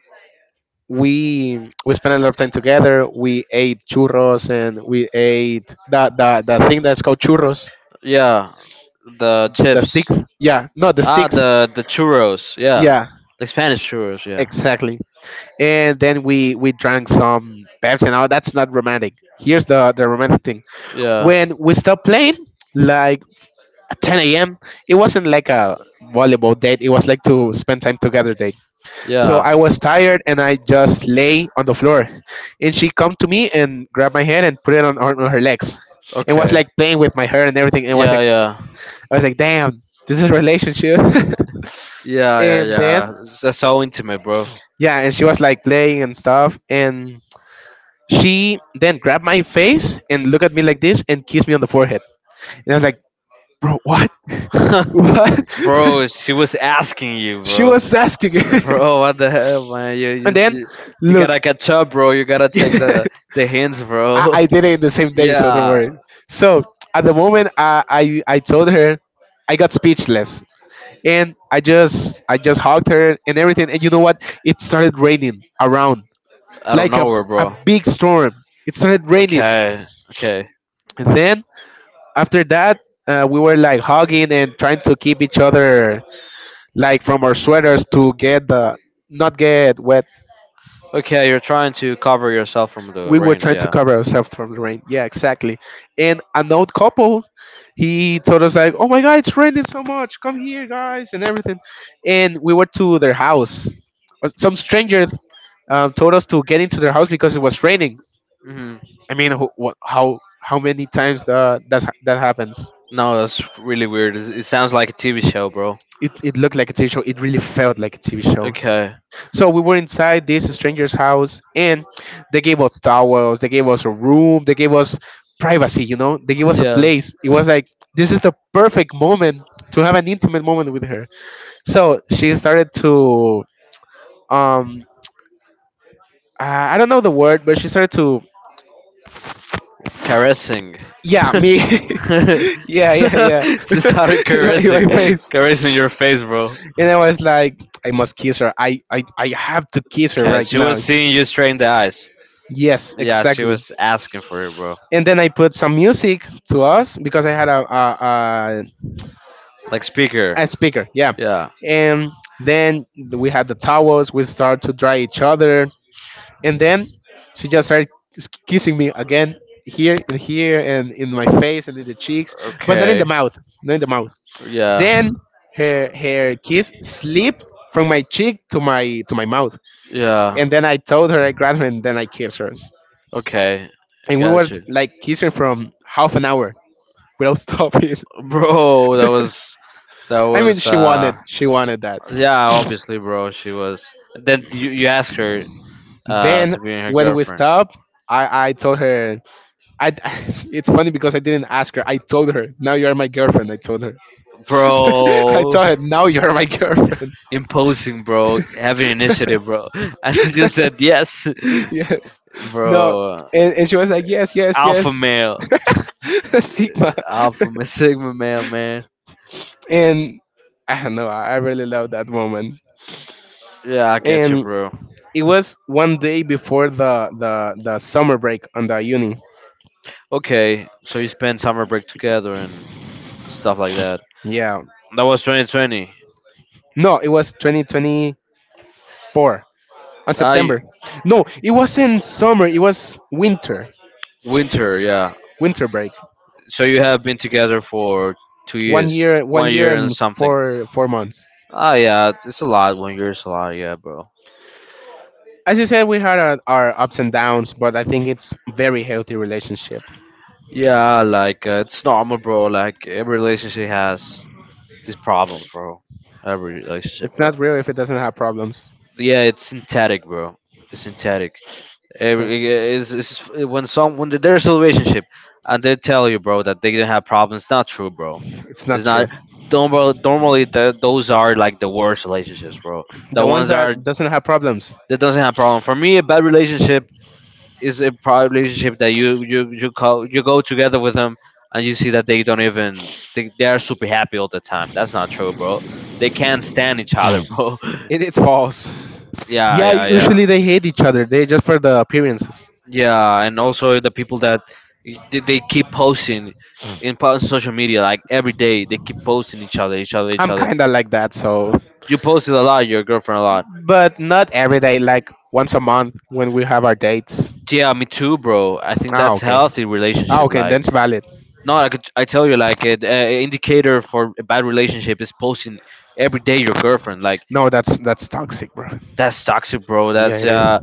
Speaker 2: we we spent a lot of time together. We ate churros and we ate the the, the thing that's called churros,
Speaker 1: Yeah. The
Speaker 2: the
Speaker 1: chips.
Speaker 2: sticks. Yeah, no, the
Speaker 1: Ah,
Speaker 2: sticks.
Speaker 1: the the churros, yeah,
Speaker 2: Yeah,
Speaker 1: the Spanish churros, yeah,
Speaker 2: exactly. And then we we drank some Pepsi. Now that's not romantic. Here's the the romantic thing.
Speaker 1: yeah,
Speaker 2: When we stopped playing, like at ten a m, it wasn't like a volleyball date. It was like to spend time together. So
Speaker 1: yeah.
Speaker 2: I was tired and I just lay on the floor. And she come to me and grabbed my hand and put it on, on her legs. And was
Speaker 1: Okay.
Speaker 2: like playing with my hair and everything. And was
Speaker 1: Yeah,
Speaker 2: like,
Speaker 1: yeah,
Speaker 2: I was like, "Damn, this is a relationship."
Speaker 1: yeah, yeah,
Speaker 2: And then
Speaker 1: yeah. That's so intimate, bro.
Speaker 2: yeah, and she was like playing and stuff. And she then grabbed my face and looked at me like this and kissed me on the forehead. And I was like, "Bro, what?" What?
Speaker 1: Bro, she was asking you,
Speaker 2: She
Speaker 1: bro.
Speaker 2: was asking.
Speaker 1: Bro, what the hell, man? You
Speaker 2: And
Speaker 1: you
Speaker 2: then
Speaker 1: you you
Speaker 2: look.
Speaker 1: gotta catch up, bro. You gotta take the the hints,
Speaker 2: I,
Speaker 1: bro.
Speaker 2: I did it in the same day, so don't
Speaker 1: Yeah,
Speaker 2: worry. So at the moment, I, I I told her, I got speechless, and I just I just hugged her and everything. And you know what? It started raining around
Speaker 1: out of
Speaker 2: like a
Speaker 1: nowhere,
Speaker 2: a
Speaker 1: bro.
Speaker 2: big storm. It started raining,
Speaker 1: Okay, okay,
Speaker 2: and then after that, uh, we were like hugging and trying to keep each other like from our sweaters to get the not get wet.
Speaker 1: okay. You're trying to cover yourself from the
Speaker 2: We were
Speaker 1: rain.
Speaker 2: trying to
Speaker 1: Yeah.
Speaker 2: cover ourselves from the rain. Yeah, exactly. And an old couple, he told us like, "Oh my God, it's raining so much. Come here, guys, and everything." And we went to their house. Uh, Some stranger, um, told us to get into their house because it was raining.
Speaker 1: Hmm.
Speaker 2: I mean, wh- wh- how how many times uh, that that happens?
Speaker 1: No, that's really weird. It, it sounds like a T V show, bro.
Speaker 2: It it looked like a T V show. It really felt like a T V show.
Speaker 1: Okay.
Speaker 2: So we were inside this stranger's house, and they gave us towels, they gave us a room, they gave us privacy. You know, they gave us a
Speaker 1: Yeah.
Speaker 2: place. It was like, this is the perfect moment to have an intimate moment with her. So she started to, um, I I don't know the word, but she started to,
Speaker 1: Caressing.
Speaker 2: yeah, me.
Speaker 1: She
Speaker 2: Yeah, yeah, yeah.
Speaker 1: started
Speaker 2: In my in
Speaker 1: caressing,
Speaker 2: my face,
Speaker 1: caressing your face, bro.
Speaker 2: and I was like, I must kiss her. I, I, I have to kiss her
Speaker 1: Okay,
Speaker 2: right
Speaker 1: she
Speaker 2: now.
Speaker 1: was seeing you straight in the eyes.
Speaker 2: Yes,
Speaker 1: Yeah, she
Speaker 2: exactly.
Speaker 1: was asking for it, bro.
Speaker 2: And then I put some music to us because I had a a, a,
Speaker 1: Like speaker.
Speaker 2: a speaker, yeah.
Speaker 1: Yeah.
Speaker 2: And then we had the towels. We started to dry each other, and then she just started s- kissing me again here and here and in my face and in the cheeks, but not in the
Speaker 1: Okay.
Speaker 2: mouth, not in the mouth.
Speaker 1: Yeah.
Speaker 2: Then her her kiss slipped from my cheek to my to my mouth,
Speaker 1: Yeah.
Speaker 2: and then I told her I grabbed her and then I kissed her,
Speaker 1: Okay.
Speaker 2: and we were
Speaker 1: Got you.
Speaker 2: like kissing from half an hour without stopping.
Speaker 1: Bro, that was that
Speaker 2: I mean,
Speaker 1: was
Speaker 2: she
Speaker 1: uh
Speaker 2: wanted she wanted that.
Speaker 1: yeah, obviously, bro. She was. Then you you ask her uh
Speaker 2: Then
Speaker 1: to be her
Speaker 2: when we
Speaker 1: girlfriend,
Speaker 2: stopped, I I told her. I it's funny because I didn't ask her. I told her, "Now you are my girlfriend." I told her. I
Speaker 1: bro.
Speaker 2: told her, "Now you are my girlfriend."
Speaker 1: Imposing, bro. Having initiative, bro. And she just said yes,
Speaker 2: Yes. No.
Speaker 1: bro.
Speaker 2: And, and she was like, "Yes, yes,
Speaker 1: Alpha
Speaker 2: yes."
Speaker 1: male,
Speaker 2: Sigma.
Speaker 1: alpha ma- sigma male, man.
Speaker 2: And I don't know, I I really love that moment.
Speaker 1: Yeah, I get you,
Speaker 2: And
Speaker 1: bro.
Speaker 2: it was one day before the the the summer break on the uni.
Speaker 1: Okay, so you spend summer break together and stuff like that.
Speaker 2: Yeah,
Speaker 1: That was twenty twenty.
Speaker 2: no, it was twenty twenty-four, on
Speaker 1: I
Speaker 2: September. No, it wasn't summer. It was winter.
Speaker 1: winter, yeah.
Speaker 2: Winter break.
Speaker 1: So you have been together for two
Speaker 2: One
Speaker 1: years,
Speaker 2: year, one
Speaker 1: one
Speaker 2: year
Speaker 1: year and
Speaker 2: and
Speaker 1: something.
Speaker 2: four four months.
Speaker 1: Ah, yeah, it's a lot. One year is a lot, yeah, bro.
Speaker 2: As you said, we had our, our ups and downs, but I think it's very healthy relationship.
Speaker 1: Yeah, like uh, it's normal, bro. Like every relationship has these problems, bro. Every relationship,
Speaker 2: It's
Speaker 1: bro.
Speaker 2: not real if it doesn't have problems.
Speaker 1: Yeah, it's synthetic, bro. It's synthetic. Every
Speaker 2: Exactly.
Speaker 1: is is when some when there's a relationship and they tell you, bro, that they didn't have problems. It's not true, bro.
Speaker 2: It's not
Speaker 1: It's
Speaker 2: true.
Speaker 1: not. Normal, normally, the, those are like the worst relationships, bro.
Speaker 2: The
Speaker 1: The
Speaker 2: ones
Speaker 1: ones are
Speaker 2: that doesn't have problems,
Speaker 1: that doesn't have a problem. For me, a bad relationship is a prob- relationship that you you you call you go together with them and you see that they don't even they, they are super happy all the time. That's not true, bro. They can't stand each other, bro.
Speaker 2: it, it's false.
Speaker 1: Yeah,
Speaker 2: Yeah,
Speaker 1: yeah, yeah,
Speaker 2: usually they hate each other. They just for the appearances.
Speaker 1: yeah. And also the people that they, they keep posting in po- social media like every day. They keep posting each other, each other, each
Speaker 2: I'm
Speaker 1: other.
Speaker 2: kinda like that, so,
Speaker 1: You posted a lot, your girlfriend a lot.
Speaker 2: but not every day. Like once a month when we have our dates.
Speaker 1: Yeah, me too, bro. I think
Speaker 2: Ah,
Speaker 1: that's
Speaker 2: okay.
Speaker 1: healthy
Speaker 2: Ah,
Speaker 1: relationship.
Speaker 2: okay.
Speaker 1: Like
Speaker 2: Then it's valid.
Speaker 1: no, I could, I tell you like an uh, indicator for a bad relationship is posting every day your girlfriend like
Speaker 2: No, that's that's toxic, bro.
Speaker 1: that's toxic, bro.
Speaker 2: Yeah,
Speaker 1: That's
Speaker 2: it is.
Speaker 1: uh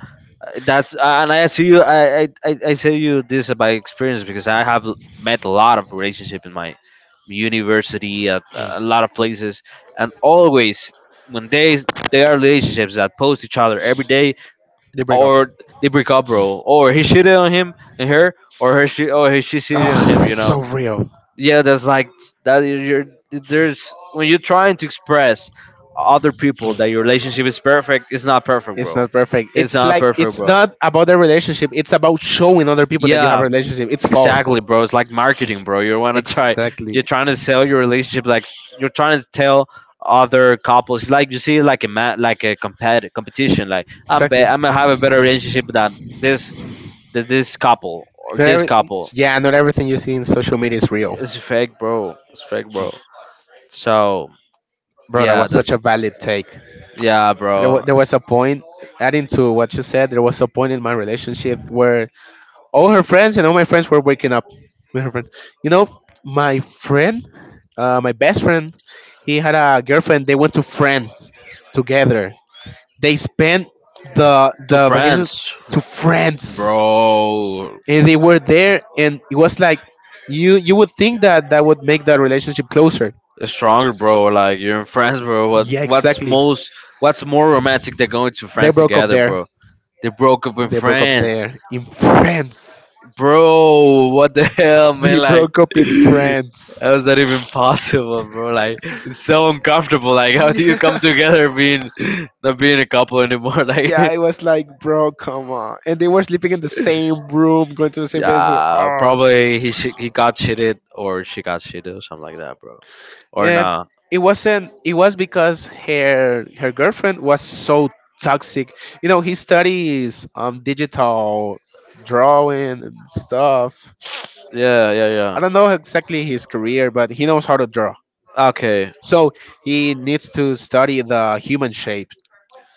Speaker 1: that's uh, and I tell you I I I I tell you this by experience because I have l- met a lot of relationship in my university at a lot of places, and always when they they are relationships that post each other every day
Speaker 2: They break up.
Speaker 1: or they break up, bro, or he cheated on him and her or her she or he she cheated on him,
Speaker 2: Ah,
Speaker 1: you know.
Speaker 2: so real.
Speaker 1: Yeah, that's like that you're there's when you're trying to express other people
Speaker 2: Mm.
Speaker 1: that your relationship is perfect, it's not perfect,
Speaker 2: It's
Speaker 1: bro.
Speaker 2: not perfect.
Speaker 1: It's
Speaker 2: It's
Speaker 1: not
Speaker 2: like
Speaker 1: perfect,
Speaker 2: it's
Speaker 1: bro.
Speaker 2: not about the relationship. It's about showing other people that you have a
Speaker 1: Yeah,
Speaker 2: relationship. It's false.
Speaker 1: exactly, bro. It's like marketing, bro. You want to try you're
Speaker 2: Exactly.
Speaker 1: trying to sell your relationship like you're trying to tell other couples. It's like you see like a ma- like a compet- competition. Like i'm be-
Speaker 2: Exactly.
Speaker 1: I'm gonna have a better relationship than this than this couple or
Speaker 2: Not
Speaker 1: this
Speaker 2: every,
Speaker 1: couple.
Speaker 2: yeah, not everything you see in social media is real,
Speaker 1: It's fake, bro. It's fake, bro. So
Speaker 2: bro. That
Speaker 1: yeah,
Speaker 2: was such
Speaker 1: that's
Speaker 2: a valid take.
Speaker 1: yeah,
Speaker 2: There, wa
Speaker 1: bro.
Speaker 2: there was a point, adding to what you said, there was a point in my relationship where all her friends and all my friends were waking up with her friends. You know, my friend, uh, my best friend, he had a girlfriend. They went to France together. They spent the
Speaker 1: To
Speaker 2: the vacations
Speaker 1: France,
Speaker 2: to France.
Speaker 1: bro.
Speaker 2: And they were there and it was like, you you would think that that would make that relationship closer.
Speaker 1: Strong, bro. Like you're in France, bro. What?
Speaker 2: Yeah,
Speaker 1: What's
Speaker 2: exactly.
Speaker 1: most? What's more romantic than going to
Speaker 2: They
Speaker 1: France
Speaker 2: broke up
Speaker 1: together,
Speaker 2: there.
Speaker 1: bro? They broke up in
Speaker 2: They broke up
Speaker 1: France,
Speaker 2: there in France.
Speaker 1: bro. What the hell,
Speaker 2: They
Speaker 1: man? Like,
Speaker 2: broke up in France.
Speaker 1: how is that even possible, bro? Like, it's so uncomfortable. Like, how do you come
Speaker 2: Yeah,
Speaker 1: together being not being a couple anymore? Like,
Speaker 2: yeah, I was like, "Bro, come on." And they were sleeping in the same room, going to the same place.
Speaker 1: yeah,
Speaker 2: Oh.
Speaker 1: probably he sh- he got cheated or she got cheated or something like that, bro. Or
Speaker 2: Um,
Speaker 1: not.
Speaker 2: it wasn't. It was because her her girlfriend was so toxic. You know, he studies um digital drawing and stuff.
Speaker 1: Yeah, yeah,
Speaker 2: I
Speaker 1: yeah.
Speaker 2: don't know exactly his career, but he knows how to draw.
Speaker 1: Okay,
Speaker 2: So he needs to study the human shape.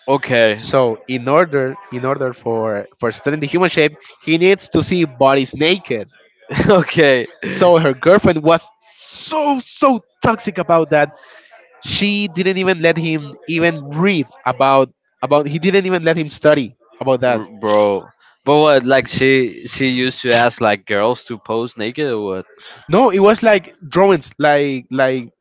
Speaker 1: okay,
Speaker 2: So in order in order for for studying the human shape, he needs to see bodies naked.
Speaker 1: okay,
Speaker 2: So her girlfriend was so so toxic about that. She didn't even let him even read about about he didn't even let him study about that.
Speaker 1: R- bro. But what? Like she she used to ask like girls to pose naked or what?
Speaker 2: No, it was like drawings, like like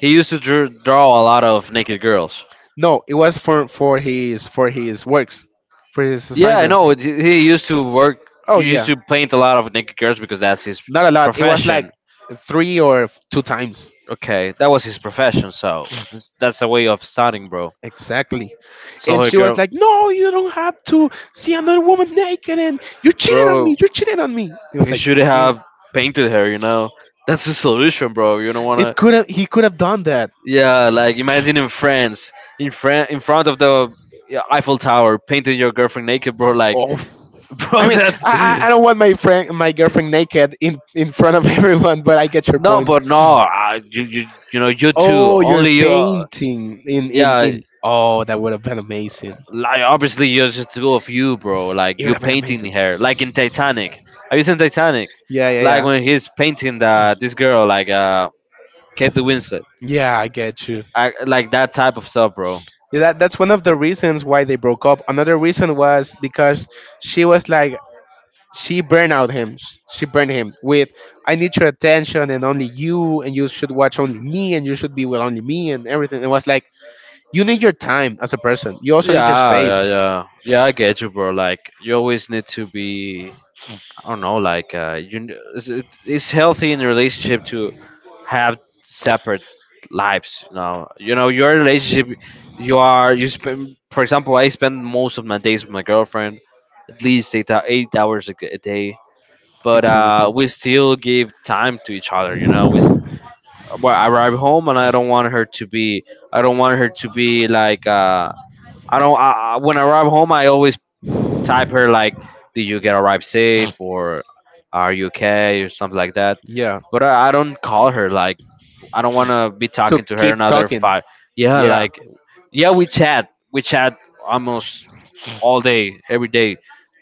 Speaker 1: He used to drew, draw a lot of naked girls.
Speaker 2: No, it was for for his for his works, for his
Speaker 1: Yeah, I
Speaker 2: assignments.
Speaker 1: know. He he used to work.
Speaker 2: Oh
Speaker 1: He used
Speaker 2: yeah,
Speaker 1: to paint a lot of naked girls because that's his
Speaker 2: not a lot. It was like
Speaker 1: profession.
Speaker 2: three or two times
Speaker 1: Okay, that was his profession, so it's- that's a way of starting, bro.
Speaker 2: exactly.
Speaker 1: So
Speaker 2: And
Speaker 1: her
Speaker 2: she was
Speaker 1: girl,
Speaker 2: like, "No, you don't have to see another woman naked, and you're cheating on me.
Speaker 1: bro,
Speaker 2: You're cheating on me." He was
Speaker 1: he
Speaker 2: like,
Speaker 1: should
Speaker 2: "Damn,
Speaker 1: have painted her. You know, that's the solution, bro. You don't
Speaker 2: it
Speaker 1: wanna.
Speaker 2: could have. He could have done that."
Speaker 1: Yeah, like imagine in France, in Fran- in front of the yeah, Eiffel Tower, painting your girlfriend naked, bro. Like,
Speaker 2: Oh, I
Speaker 1: bro,
Speaker 2: mean,
Speaker 1: that's
Speaker 2: I, I I don't want my friend, my girlfriend naked in in front of everyone, but I get your
Speaker 1: no,
Speaker 2: point.
Speaker 1: but no, I, you you you know you too.
Speaker 2: Oh, you're
Speaker 1: Only you. Uh,
Speaker 2: painting in in
Speaker 1: yeah,
Speaker 2: in. Oh, that would have been amazing.
Speaker 1: like obviously you're just two of you, bro. Like
Speaker 2: It would
Speaker 1: you
Speaker 2: have been
Speaker 1: painting
Speaker 2: amazing.
Speaker 1: her, like in Titanic. Are you seen Titanic?
Speaker 2: Yeah, yeah,
Speaker 1: Like
Speaker 2: yeah,
Speaker 1: when he's painting the this girl, like uh, Kate Winslet.
Speaker 2: yeah. I get you.
Speaker 1: I, like that type of stuff, bro.
Speaker 2: Yeah, that that's one of the reasons why they broke up. Another reason was because she was like she burned out him. She burned him with I need your attention and only you, and you should watch only me, and you should be with only me, and everything. It was like you need your time as a person. You also need your
Speaker 1: Yeah, yeah,
Speaker 2: space.
Speaker 1: yeah, yeah, I get you, bro. Like you always need to be. I don't know. Like uh, you, kn- it's, it's healthy in a relationship to have separate lives, you know, you know your relationship, you are you spend, for example, I spend most of my days with my girlfriend at least eight, hou- eight hours a, g- a day,
Speaker 2: Me
Speaker 1: but
Speaker 2: too. Me
Speaker 1: uh
Speaker 2: too.
Speaker 1: we still give time to each other, you know, we s- well, I arrive home and I don't want her to be, I don't want her to be like uh I don't I, I- when I arrive home I always type her like, did you get arrived safe or are you okay or something like that,
Speaker 2: Yeah.
Speaker 1: but i, I don't call her like, I don't want to be
Speaker 2: To
Speaker 1: talking to her
Speaker 2: keep
Speaker 1: another
Speaker 2: talking.
Speaker 1: five. Yeah,
Speaker 2: Yeah.
Speaker 1: like, yeah, we chat. We chat almost all day, every day.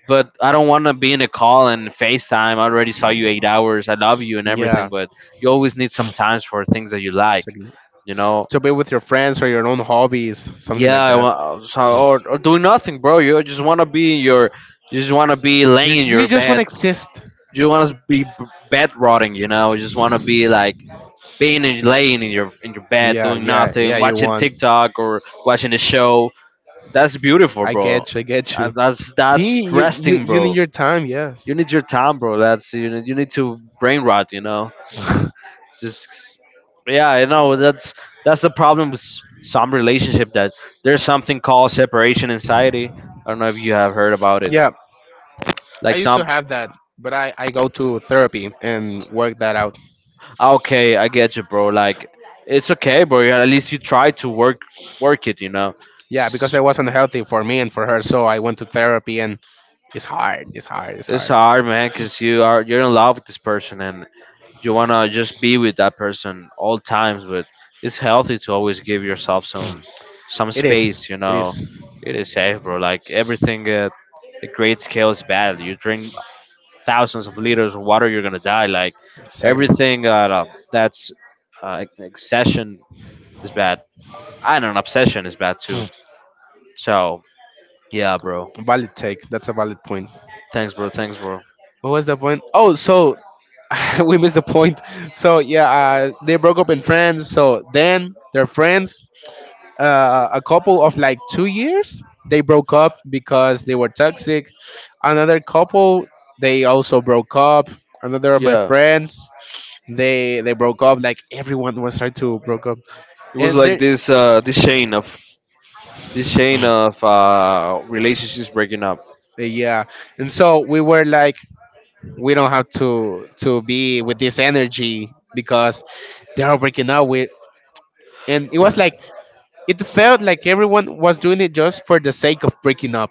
Speaker 1: But I don't want to be in a call and FaceTime. I already saw you eight hours. I love you and everything,
Speaker 2: Yeah.
Speaker 1: but you always need some times for things that you like,
Speaker 2: Exactly.
Speaker 1: you know?
Speaker 2: To be with your friends or your own hobbies, something
Speaker 1: Yeah,
Speaker 2: like
Speaker 1: I
Speaker 2: that.
Speaker 1: want, so,
Speaker 2: Mm.
Speaker 1: or, or doing nothing, bro. You just want to be in your, you just want to be
Speaker 2: You
Speaker 1: laying in
Speaker 2: you
Speaker 1: your
Speaker 2: just want to
Speaker 1: bed.
Speaker 2: exist.
Speaker 1: You want to be b- bed rotting, you know? You just want to be like, being in, laying in your in your bed
Speaker 2: Yeah.
Speaker 1: doing
Speaker 2: Yeah. Yeah.
Speaker 1: nothing,
Speaker 2: You
Speaker 1: watching
Speaker 2: want.
Speaker 1: TikTok or watching a show. That's beautiful,
Speaker 2: I
Speaker 1: bro.
Speaker 2: get you. I get
Speaker 1: Uh,
Speaker 2: you.
Speaker 1: That's
Speaker 2: See,
Speaker 1: that's
Speaker 2: you you
Speaker 1: resting,
Speaker 2: you need
Speaker 1: bro.
Speaker 2: your time.
Speaker 1: You
Speaker 2: Yes.
Speaker 1: need your time, bro. That's you need, you need to brain rot, you know. Just yeah, I know that's that's the problem with s- some relationship that there's something called separation anxiety. I don't know if you have heard about it.
Speaker 2: Yeah. I
Speaker 1: Like
Speaker 2: used to
Speaker 1: some,
Speaker 2: have that, but I I go to therapy and work that out.
Speaker 1: "Ah, okay, I get you, bro. Like it's okay, bro. Yeah, at least you try to work work it, you know."
Speaker 2: Yeah, because it wasn't healthy for me and for her, so I went to therapy, and it's hard. It's hard. It's
Speaker 1: It's
Speaker 2: hard.
Speaker 1: hard, man, because you are you're in love with this person and you wanna just be with that person all times. But it's healthy to always give yourself some some
Speaker 2: It
Speaker 1: space.
Speaker 2: is.
Speaker 1: You
Speaker 2: It
Speaker 1: know,
Speaker 2: is.
Speaker 1: it is safe, bro. Like everything at a great scale is bad. You drink thousands of liters of water, you're gonna die. Like
Speaker 2: Exactly.
Speaker 1: everything uh, that's uh, accession is bad. I don't know, obsession is bad too.
Speaker 2: Mm.
Speaker 1: So yeah, bro.
Speaker 2: Valid take. That's a valid point.
Speaker 1: Thanks, bro. Thanks, bro.
Speaker 2: What was the point? Oh, so we missed the point. So yeah, uh, they broke up in France. So then they're friends. Uh, a couple of like two years they broke up because they were toxic. Another couple, they also broke up. Another of my
Speaker 1: Yeah.
Speaker 2: friends, they they broke up. Like everyone was trying to broke up,
Speaker 1: It was
Speaker 2: and
Speaker 1: like
Speaker 2: there.
Speaker 1: this uh, this chain of this chain of uh, relationships breaking up.
Speaker 2: Yeah, and so we were like, we don't have to to be with this energy because they're all breaking up with, and it was like it felt like everyone was doing it just for the sake of breaking up.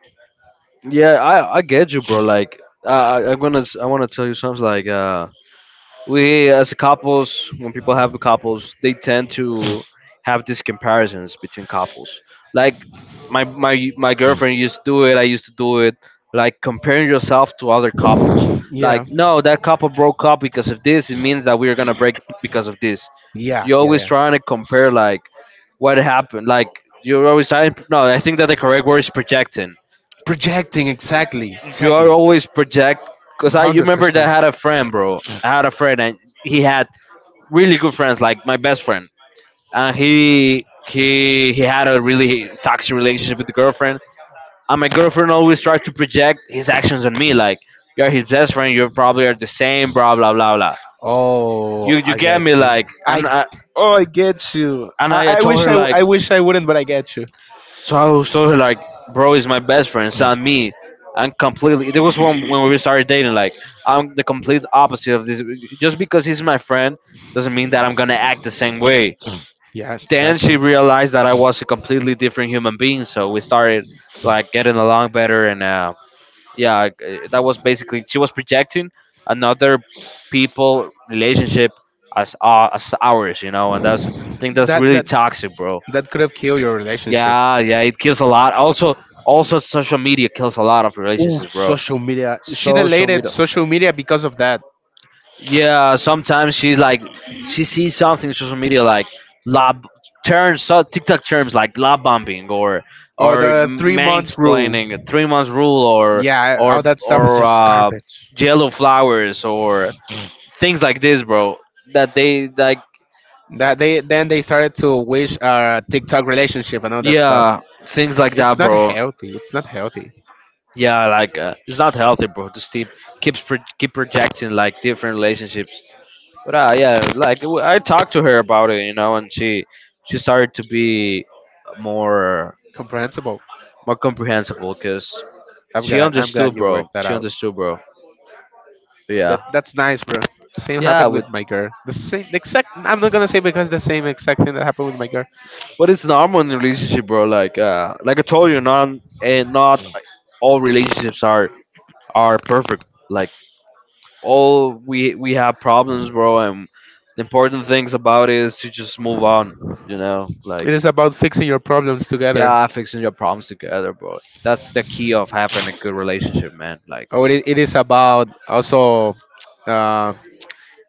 Speaker 1: Yeah, I, I get you, bro. Like I I- I'm gonna s- I want to tell you something. Like uh, we as couples, when people have couples they tend to have these comparisons between couples, like my my my girlfriend used to do it, I used to do it, like comparing yourself to other couples,
Speaker 2: Yeah,
Speaker 1: like no, that couple broke up because of this, it means that we're gonna break because of this.
Speaker 2: yeah,
Speaker 1: You're
Speaker 2: yeah,
Speaker 1: always
Speaker 2: yeah.
Speaker 1: trying to compare, like what happened, like you're always trying, no, I think that the correct word is projecting.
Speaker 2: Projecting, exactly,
Speaker 1: You are
Speaker 2: exactly.
Speaker 1: always project because I you remember that
Speaker 2: one hundred percent.
Speaker 1: I had a friend, bro, I had a friend and he had really good friends, like my best friend. And he he he had a really toxic relationship with the girlfriend. And my girlfriend always tried to project his actions on me, like you're his best friend, you probably are the same, blah blah blah blah.
Speaker 2: Oh,
Speaker 1: You you
Speaker 2: I
Speaker 1: get
Speaker 2: get
Speaker 1: me,
Speaker 2: you.
Speaker 1: like,
Speaker 2: I
Speaker 1: and I
Speaker 2: oh I get you.
Speaker 1: and I, I
Speaker 2: I, I
Speaker 1: told
Speaker 2: wish
Speaker 1: her
Speaker 2: I I
Speaker 1: like,
Speaker 2: wish I wouldn't, but I get you.
Speaker 1: so I was told her like, bro is my best friend, it's not me. And completely, there was one when we started dating. Like I'm the complete opposite of this. Just because he's my friend doesn't mean that I'm gonna act the same way.
Speaker 2: Yeah,
Speaker 1: Then she
Speaker 2: exactly.
Speaker 1: realized that I was a completely different human being. So we started like getting along better, and uh, yeah, like, uh, that was basically she was projecting another people relationship as uh, as ours, you know, and that's I think that's
Speaker 2: That
Speaker 1: really
Speaker 2: that
Speaker 1: toxic, bro.
Speaker 2: that could have killed your relationship.
Speaker 1: Yeah, yeah, it kills a lot. Also, also social media kills a lot of
Speaker 2: Oh,
Speaker 1: relationships, bro.
Speaker 2: social media. She
Speaker 1: Social
Speaker 2: deleted
Speaker 1: media.
Speaker 2: social media because of that.
Speaker 1: Yeah, sometimes she's like, she sees something in social media like lob terms, so TikTok terms like lob bombing or
Speaker 2: Or
Speaker 1: or
Speaker 2: the three month rule.
Speaker 1: mansplaining, three months rule or
Speaker 2: Yeah,
Speaker 1: or
Speaker 2: all that stuff is
Speaker 1: or
Speaker 2: just
Speaker 1: uh,
Speaker 2: garbage.
Speaker 1: yellow flowers or things like this, bro. That they like,
Speaker 2: That they then they started to wish a TikTok relationship and all that stuff.
Speaker 1: yeah, things like
Speaker 2: It's
Speaker 1: that,
Speaker 2: not
Speaker 1: bro.
Speaker 2: healthy. It's not healthy.
Speaker 1: Yeah, like uh, it's not healthy, bro. Just keep keeps pro- keep projecting like different relationships. But uh, yeah, like w- I talked to her about it, you know, and she she started to be more,
Speaker 2: Comprehensible.
Speaker 1: more comprehensible because
Speaker 2: I'm
Speaker 1: she
Speaker 2: glad. I'm glad
Speaker 1: understood,
Speaker 2: you
Speaker 1: bro.
Speaker 2: worked that
Speaker 1: She
Speaker 2: out.
Speaker 1: understood, bro.
Speaker 2: That
Speaker 1: Yeah,
Speaker 2: that's nice, bro. Same
Speaker 1: yeah.
Speaker 2: happened
Speaker 1: With,
Speaker 2: with my girl. The same the exact. I'm not gonna say because the same exact thing that happened with my girl.
Speaker 1: but it's normal in a relationship, bro. Like uh, like I told you, not and not all relationships are are perfect. Like all we we have problems, bro. And the important things about it is to just move on. You know, like
Speaker 2: It is about fixing your problems together.
Speaker 1: yeah, fixing your problems together, bro. That's the key of having a good relationship, man. Like,
Speaker 2: Or it, it is about also. Uh,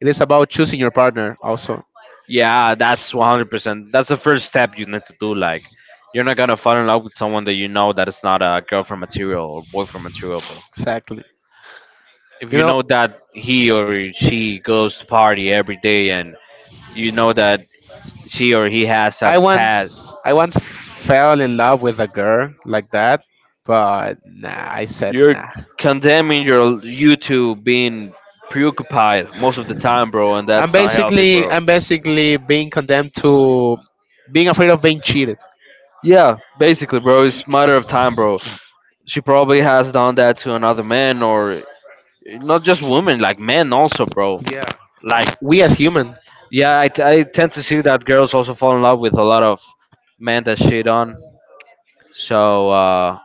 Speaker 2: it is about choosing your partner also.
Speaker 1: yeah, that's a hundred percent. That's the first step you need to do. Like, you're not gonna fall in love with someone that you know that is not a girlfriend material or boyfriend material, bro.
Speaker 2: Exactly.
Speaker 1: If
Speaker 2: You
Speaker 1: you know
Speaker 2: know,
Speaker 1: that he or she goes to party every day and you know that she or he has a
Speaker 2: I
Speaker 1: past,
Speaker 2: once I once fell in love with a girl like that, but nah, I said
Speaker 1: you're
Speaker 2: nah.
Speaker 1: condemning your you to being preoccupied most of the time, bro, and
Speaker 2: I'm
Speaker 1: that's not healthy,
Speaker 2: basically
Speaker 1: bro.
Speaker 2: I'm basically being condemned to being afraid of being cheated.
Speaker 1: Yeah, basically, bro, it's matter of time, bro. She probably has done that to another man, or not just women, like men also, bro.
Speaker 2: Yeah,
Speaker 1: Like,
Speaker 2: we as human.
Speaker 1: yeah, I, t- I tend to see that girls also fall in love with a lot of men that shit on. So, uh,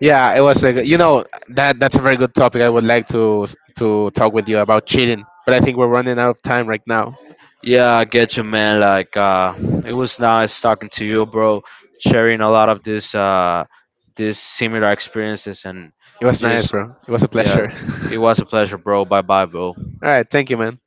Speaker 2: Yeah, it was a good, you know that that's a very good topic. I would like to to talk with you about cheating, but I think we're running out of time right now.
Speaker 1: yeah, I get you, man. Like, uh, it was nice talking to you, bro. Sharing a lot of this, uh, this similar experiences, and
Speaker 2: It was nice,
Speaker 1: just
Speaker 2: bro. It was a
Speaker 1: yeah,
Speaker 2: pleasure.
Speaker 1: it was a pleasure, bro. Bye, bye, bro.
Speaker 2: All right, thank you, man.